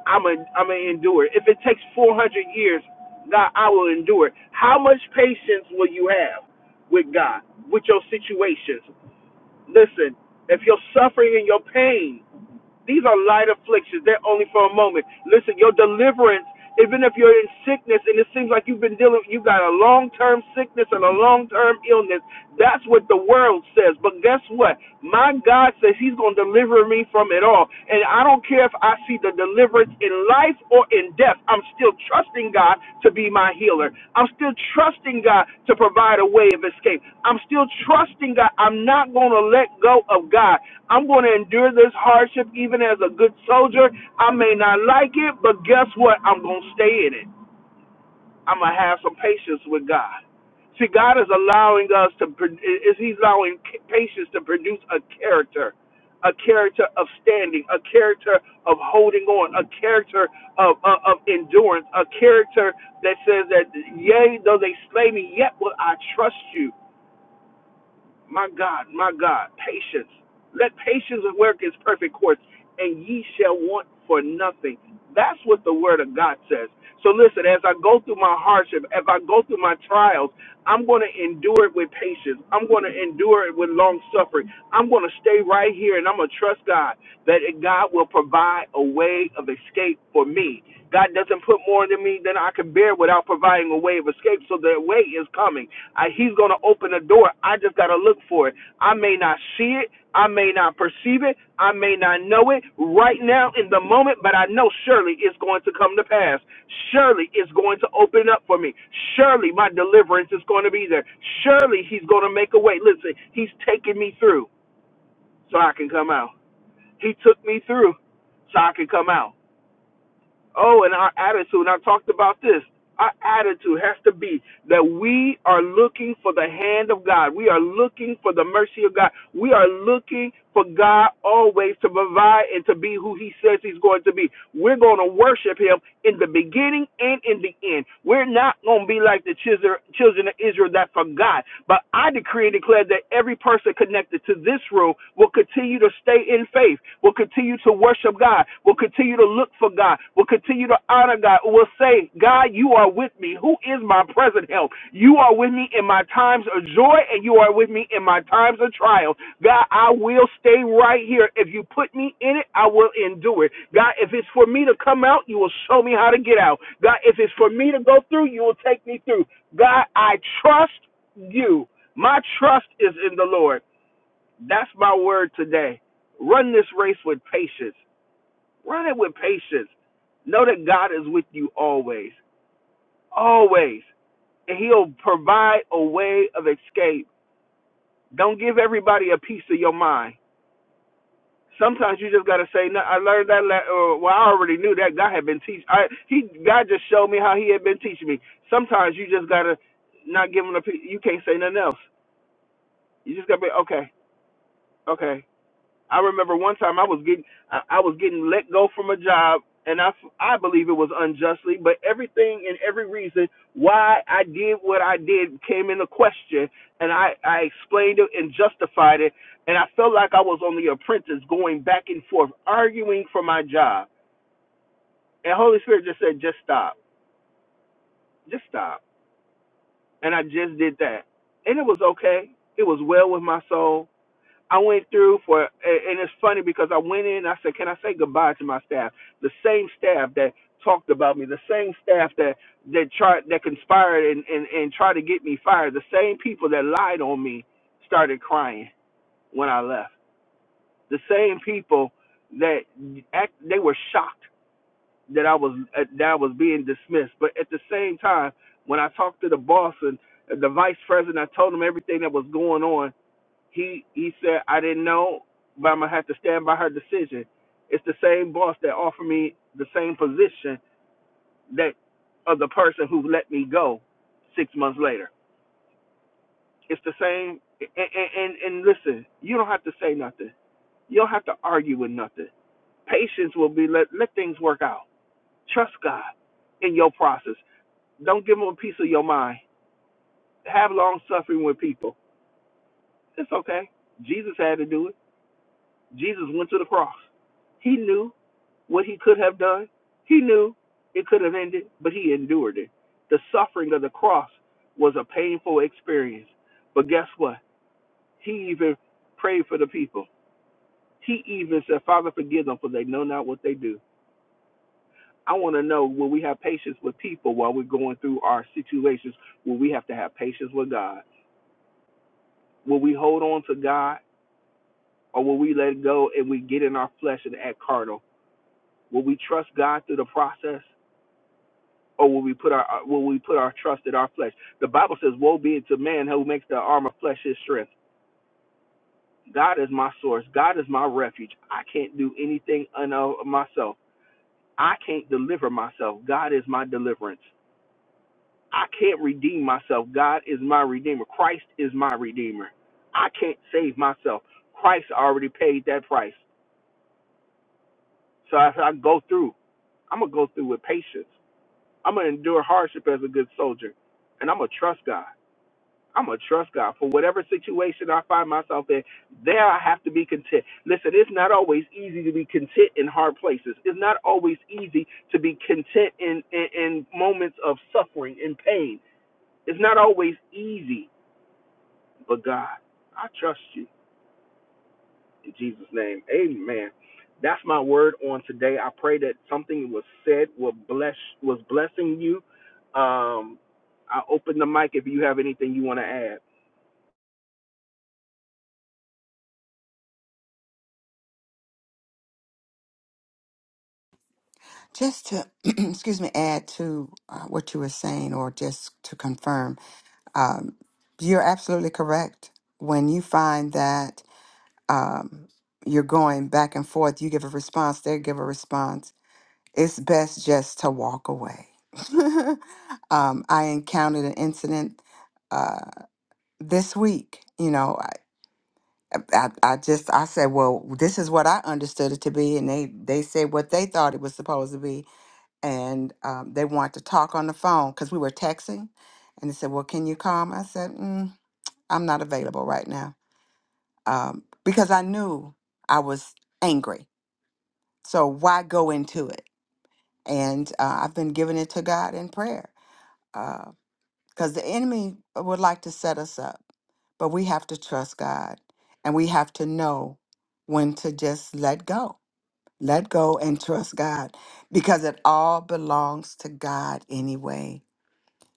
Speaker 1: I'm gonna, i I'm gonna endure. it. If it takes 400 years, God, I will endure. it. How much patience will you have with God, with your situations? Listen, if you're suffering in your pain, these are light afflictions. They're only for a moment. Listen, your deliverance, even if you're in sickness and it seems like you've been dealing, you've got a long term sickness and a long term illness, that's what the world says. But guess what? My God says He's going to deliver me from it all. And I don't care don't care if I see the deliverance in life or in death. I'm still trusting God to be my healer. I'm still trusting God to provide a way of escape. I'm still trusting God. I'm not going to let go of God. I'm going to endure this hardship even as a good soldier. I may not like it, but guess what? I'm going to stay in it. I'm gonna have some patience with God. See, God is allowing us to. Is He's allowing patience to produce a character, a character of standing, a character of holding on, a character of of, of endurance, a character that says that, yea, though they slay me, yet will I trust you. My God, my God, patience. Let patience work its perfect course, and ye shall want for nothing. That's what the word of God says. So listen, as I go through my hardship, as I go through my trials, I'm going to endure it with patience. I'm going to endure it with long suffering. I'm going to stay right here and I'm going to trust God that God will provide a way of escape for me. God doesn't put more into me than I can bear without providing a way of escape. So the way is coming. I, he's going to open a door. I just got to look for it. I may not see it. I may not perceive it. I may not know it right now in the moment, but I know surely it's going to come to pass. Surely it's going to open up for me. Surely my deliverance is going to be there. Surely he's going to make a way. Listen, he's taking me through so I can come out. He took me through so I can come out. Oh, and our attitude. And I talked about this. Our attitude has to be that we are looking for the hand of God. We are looking for the mercy of God. We are looking for God always to provide and to be who He says He's going to be. We're going to worship Him in the beginning and in the end. We're not going to be like the children children of Israel that forgot. But I decree and declare that every person connected to this room will continue to stay in faith, will will continue to worship God. will continue to look for God. will continue to honor God. will say, God, you are with me. Who is my present help? You are with me in my times of joy and you are with me in my times of trial. God, I will stay right here. If you put me in it, I will endure it. God, if it's for me to come out, you will show me how to get out. God, if it's for me to go through, you will take me through. God, I trust you. My trust is in the Lord. That's my word today. Run this race with patience. Run it with patience. Know that God is with you always, always. And He'll provide a way of escape. Don't give everybody a piece of your mind. Sometimes you just gotta say, "No, I learned that. or, well, I already knew that God had been teach. He God just showed me how He had been teaching me. Sometimes you just gotta not give him a. piece. You can't say nothing else. You just gotta be okay, okay. I remember one time I was getting I, I was getting let go from a job, and I I believe it was unjustly, but everything and every reason why I did what I did came into question, and I I explained it and justified it, and I felt like I was on The Apprentice, going back and forth, arguing for my job, and Holy Spirit just said, just stop, just stop, and I just did that, and it was okay, it was well with my soul, I went through for, and it's funny because I went in. I said, "Can I say goodbye to my staff?" The same staff that talked about me, the same staff that that tried, that conspired and and and tried to get me fired, the same people that lied on me started crying when I left. The same people that act, they were shocked that I was uh, that I was being dismissed, but at the same time, when I talked to the boss and the vice president, I told them everything that was going on he he said I didn't know, but I'm gonna have to stand by her decision. It's the same boss that offered me the same position that of the person who let me go six months later. It's the same. And and and, listen, you don't have to say nothing. You don't have to argue with nothing. Patience will be let let things work out. Trust God in your process. Don't give them a piece of your mind. Have long suffering with people. It's okay. Jesus had to do it. Jesus went to the cross. He knew what he could have done. He knew it could have ended, but he endured it. The suffering of the cross was a painful experience. But guess what? He even prayed for the people. He even said, Father, forgive them, for they know not what they do. I want to know will we have patience with people while we're going through our situations? Will we have to have patience with God? Will we hold on to God or will we let go and we get in our flesh and act carnal? Will we trust God through the process? or will we put our uh, will we put our trust in our flesh? The Bible says, "Woe be it to man who makes the arm of flesh his strength." God is my source. God is my refuge. I can't do anything un- of myself. I can't deliver myself. God is my deliverance. I can't redeem myself. God is my redeemer. Christ is my redeemer. I can't save myself. Christ already paid that price. So as I go through, I'm gonna go through with patience. I'm gonna endure hardship as a good soldier, and I'm gonna trust God. I'm gonna trust God for whatever situation I find myself in. There, I have to be content. Listen, it's not always easy to be content in hard places. It's not always easy to be content in in, in moments of suffering and pain. It's not always easy, but God, I trust you in Jesus' name. Amen. That's my word on today. I pray that something was said was bless was blessing you. Um, I open the mic if you have anything you want to add.
Speaker 4: Just to, excuse me, add to uh, what you were saying, or just to confirm, um, you're absolutely correct. When you find that um, you're going back and forth, you give a response, they give a response, it's best just to walk away. um, I encountered an incident. uh, this week you know I, I i just i said well this is what i understood it to be and they they said what they thought it was supposed to be and um, they wanted to talk on the phone because we were texting and they said well can you come i said mm, i'm not available right now um, because i knew i was angry so why go into it and uh, i've been giving it to god in prayer uh, because the enemy uh, would like to set us up, but we have to trust God and we have to know when to just let go. Let go and trust God because it all belongs to God anyway.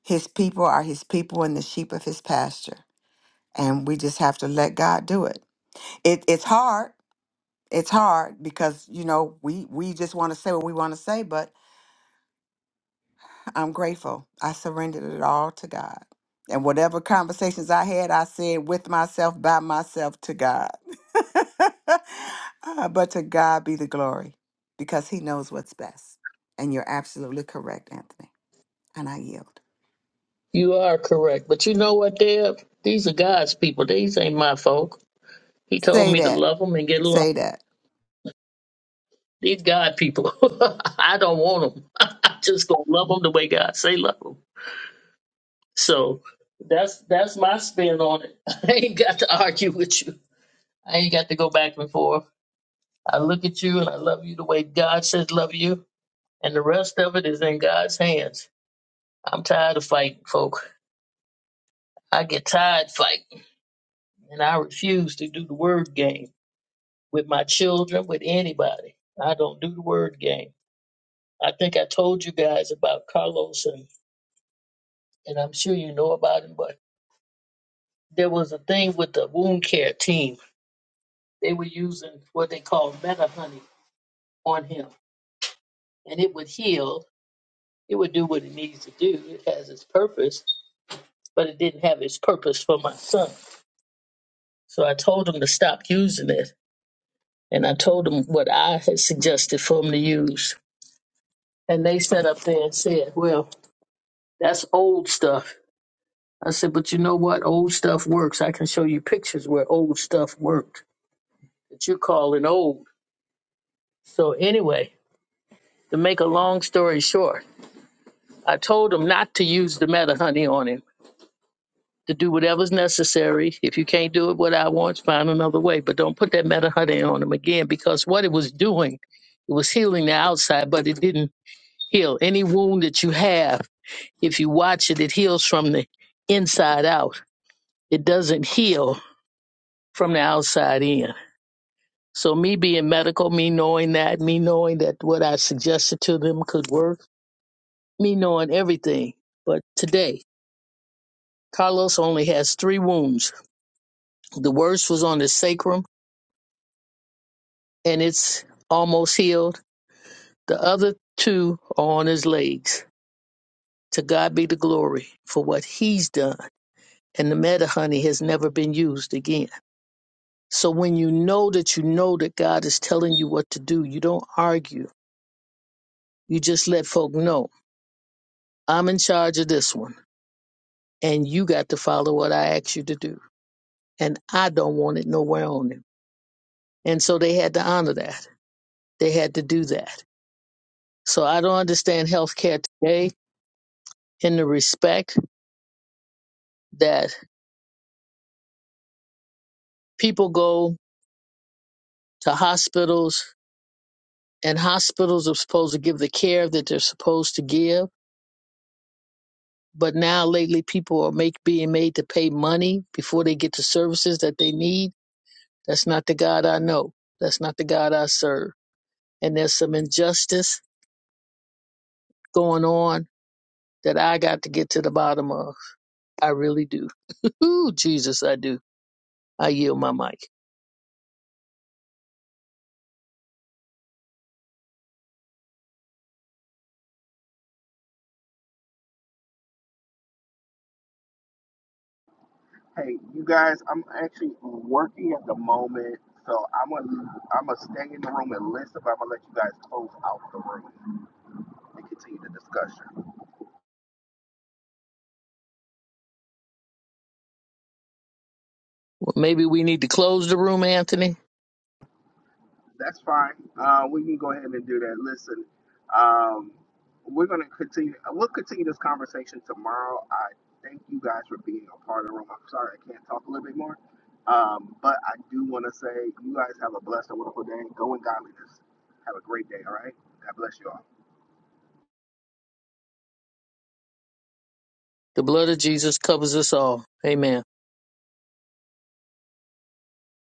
Speaker 4: His people are his people and the sheep of his pasture. And we just have to let God do it. it it's hard. It's hard because, you know, we, we just want to say what we want to say, but I'm grateful. I surrendered it all to God. And whatever conversations I had, I said with myself, by myself, to God. Uh, but to God be the glory because He knows what's best. And you're absolutely correct, Anthony. And I yield.
Speaker 5: You are correct. But you know what, Deb? These are God's people. These ain't my folk. He told
Speaker 4: Say
Speaker 5: me to
Speaker 4: that.
Speaker 5: love them and get along.
Speaker 4: Say that.
Speaker 5: These God people. I don't want them. I'm just going to love them the way God say love them. So that's that's my spin on it. I ain't got to argue with you. I ain't got to go back and forth. I look at you and I love you the way God says love you, and the rest of it is in God's hands. I'm tired of fighting, folk. I get tired fighting, and I refuse to do the word game with my children, with anybody. I don't do the word game. I think I told you guys about Carlos, and, and I'm sure you know about him, but there was a thing with the wound care team They were using what they call meta honey on him, and it would heal. It would do what it needs to do. It has its purpose, but it didn't have its purpose for my son. So I told him to stop using it, and I told him what I had suggested for him to use. And they sat up there and said, Well, that's old stuff. I said, But you know what? Old stuff works. I can show you pictures where old stuff worked that you're calling old. So, anyway, to make a long story short, I told him not to use the meta honey on him, to do whatever's necessary. If you can't do it what I want, find another way. But don't put that meta honey on him again because what it was doing, it was healing the outside, but it didn't heal. Any wound that you have, if you watch it, it heals from the inside out. It doesn't heal from the outside in. So me being medical, me knowing that, me knowing that what I suggested to them could work, me knowing everything. But today, Carlos only has three wounds The worst was on his sacrum and it's almost healed. The other two are on his legs. To God be the glory for what he's done. And the meta honey has never been used again. So when you know that you know that God is telling you what to do, you don't argue. You just let folk know, I'm in charge of this one and you got to follow what I ask you to do. And I don't want it nowhere on him. And so they had to honor that. They had to do that. So I don't understand healthcare today in the respect that people go to hospitals and hospitals are supposed to give the care that they're supposed to give. But now lately people are make, being made to pay money before they get the services that they need. That's not the God I know. That's not the God I serve. And there's some injustice going on that I got to get to the bottom of. I really do. Ooh, Jesus, I do. I yield my mic. Well, maybe we need to close the room, Anthony. The blood of Jesus covers us all. Amen.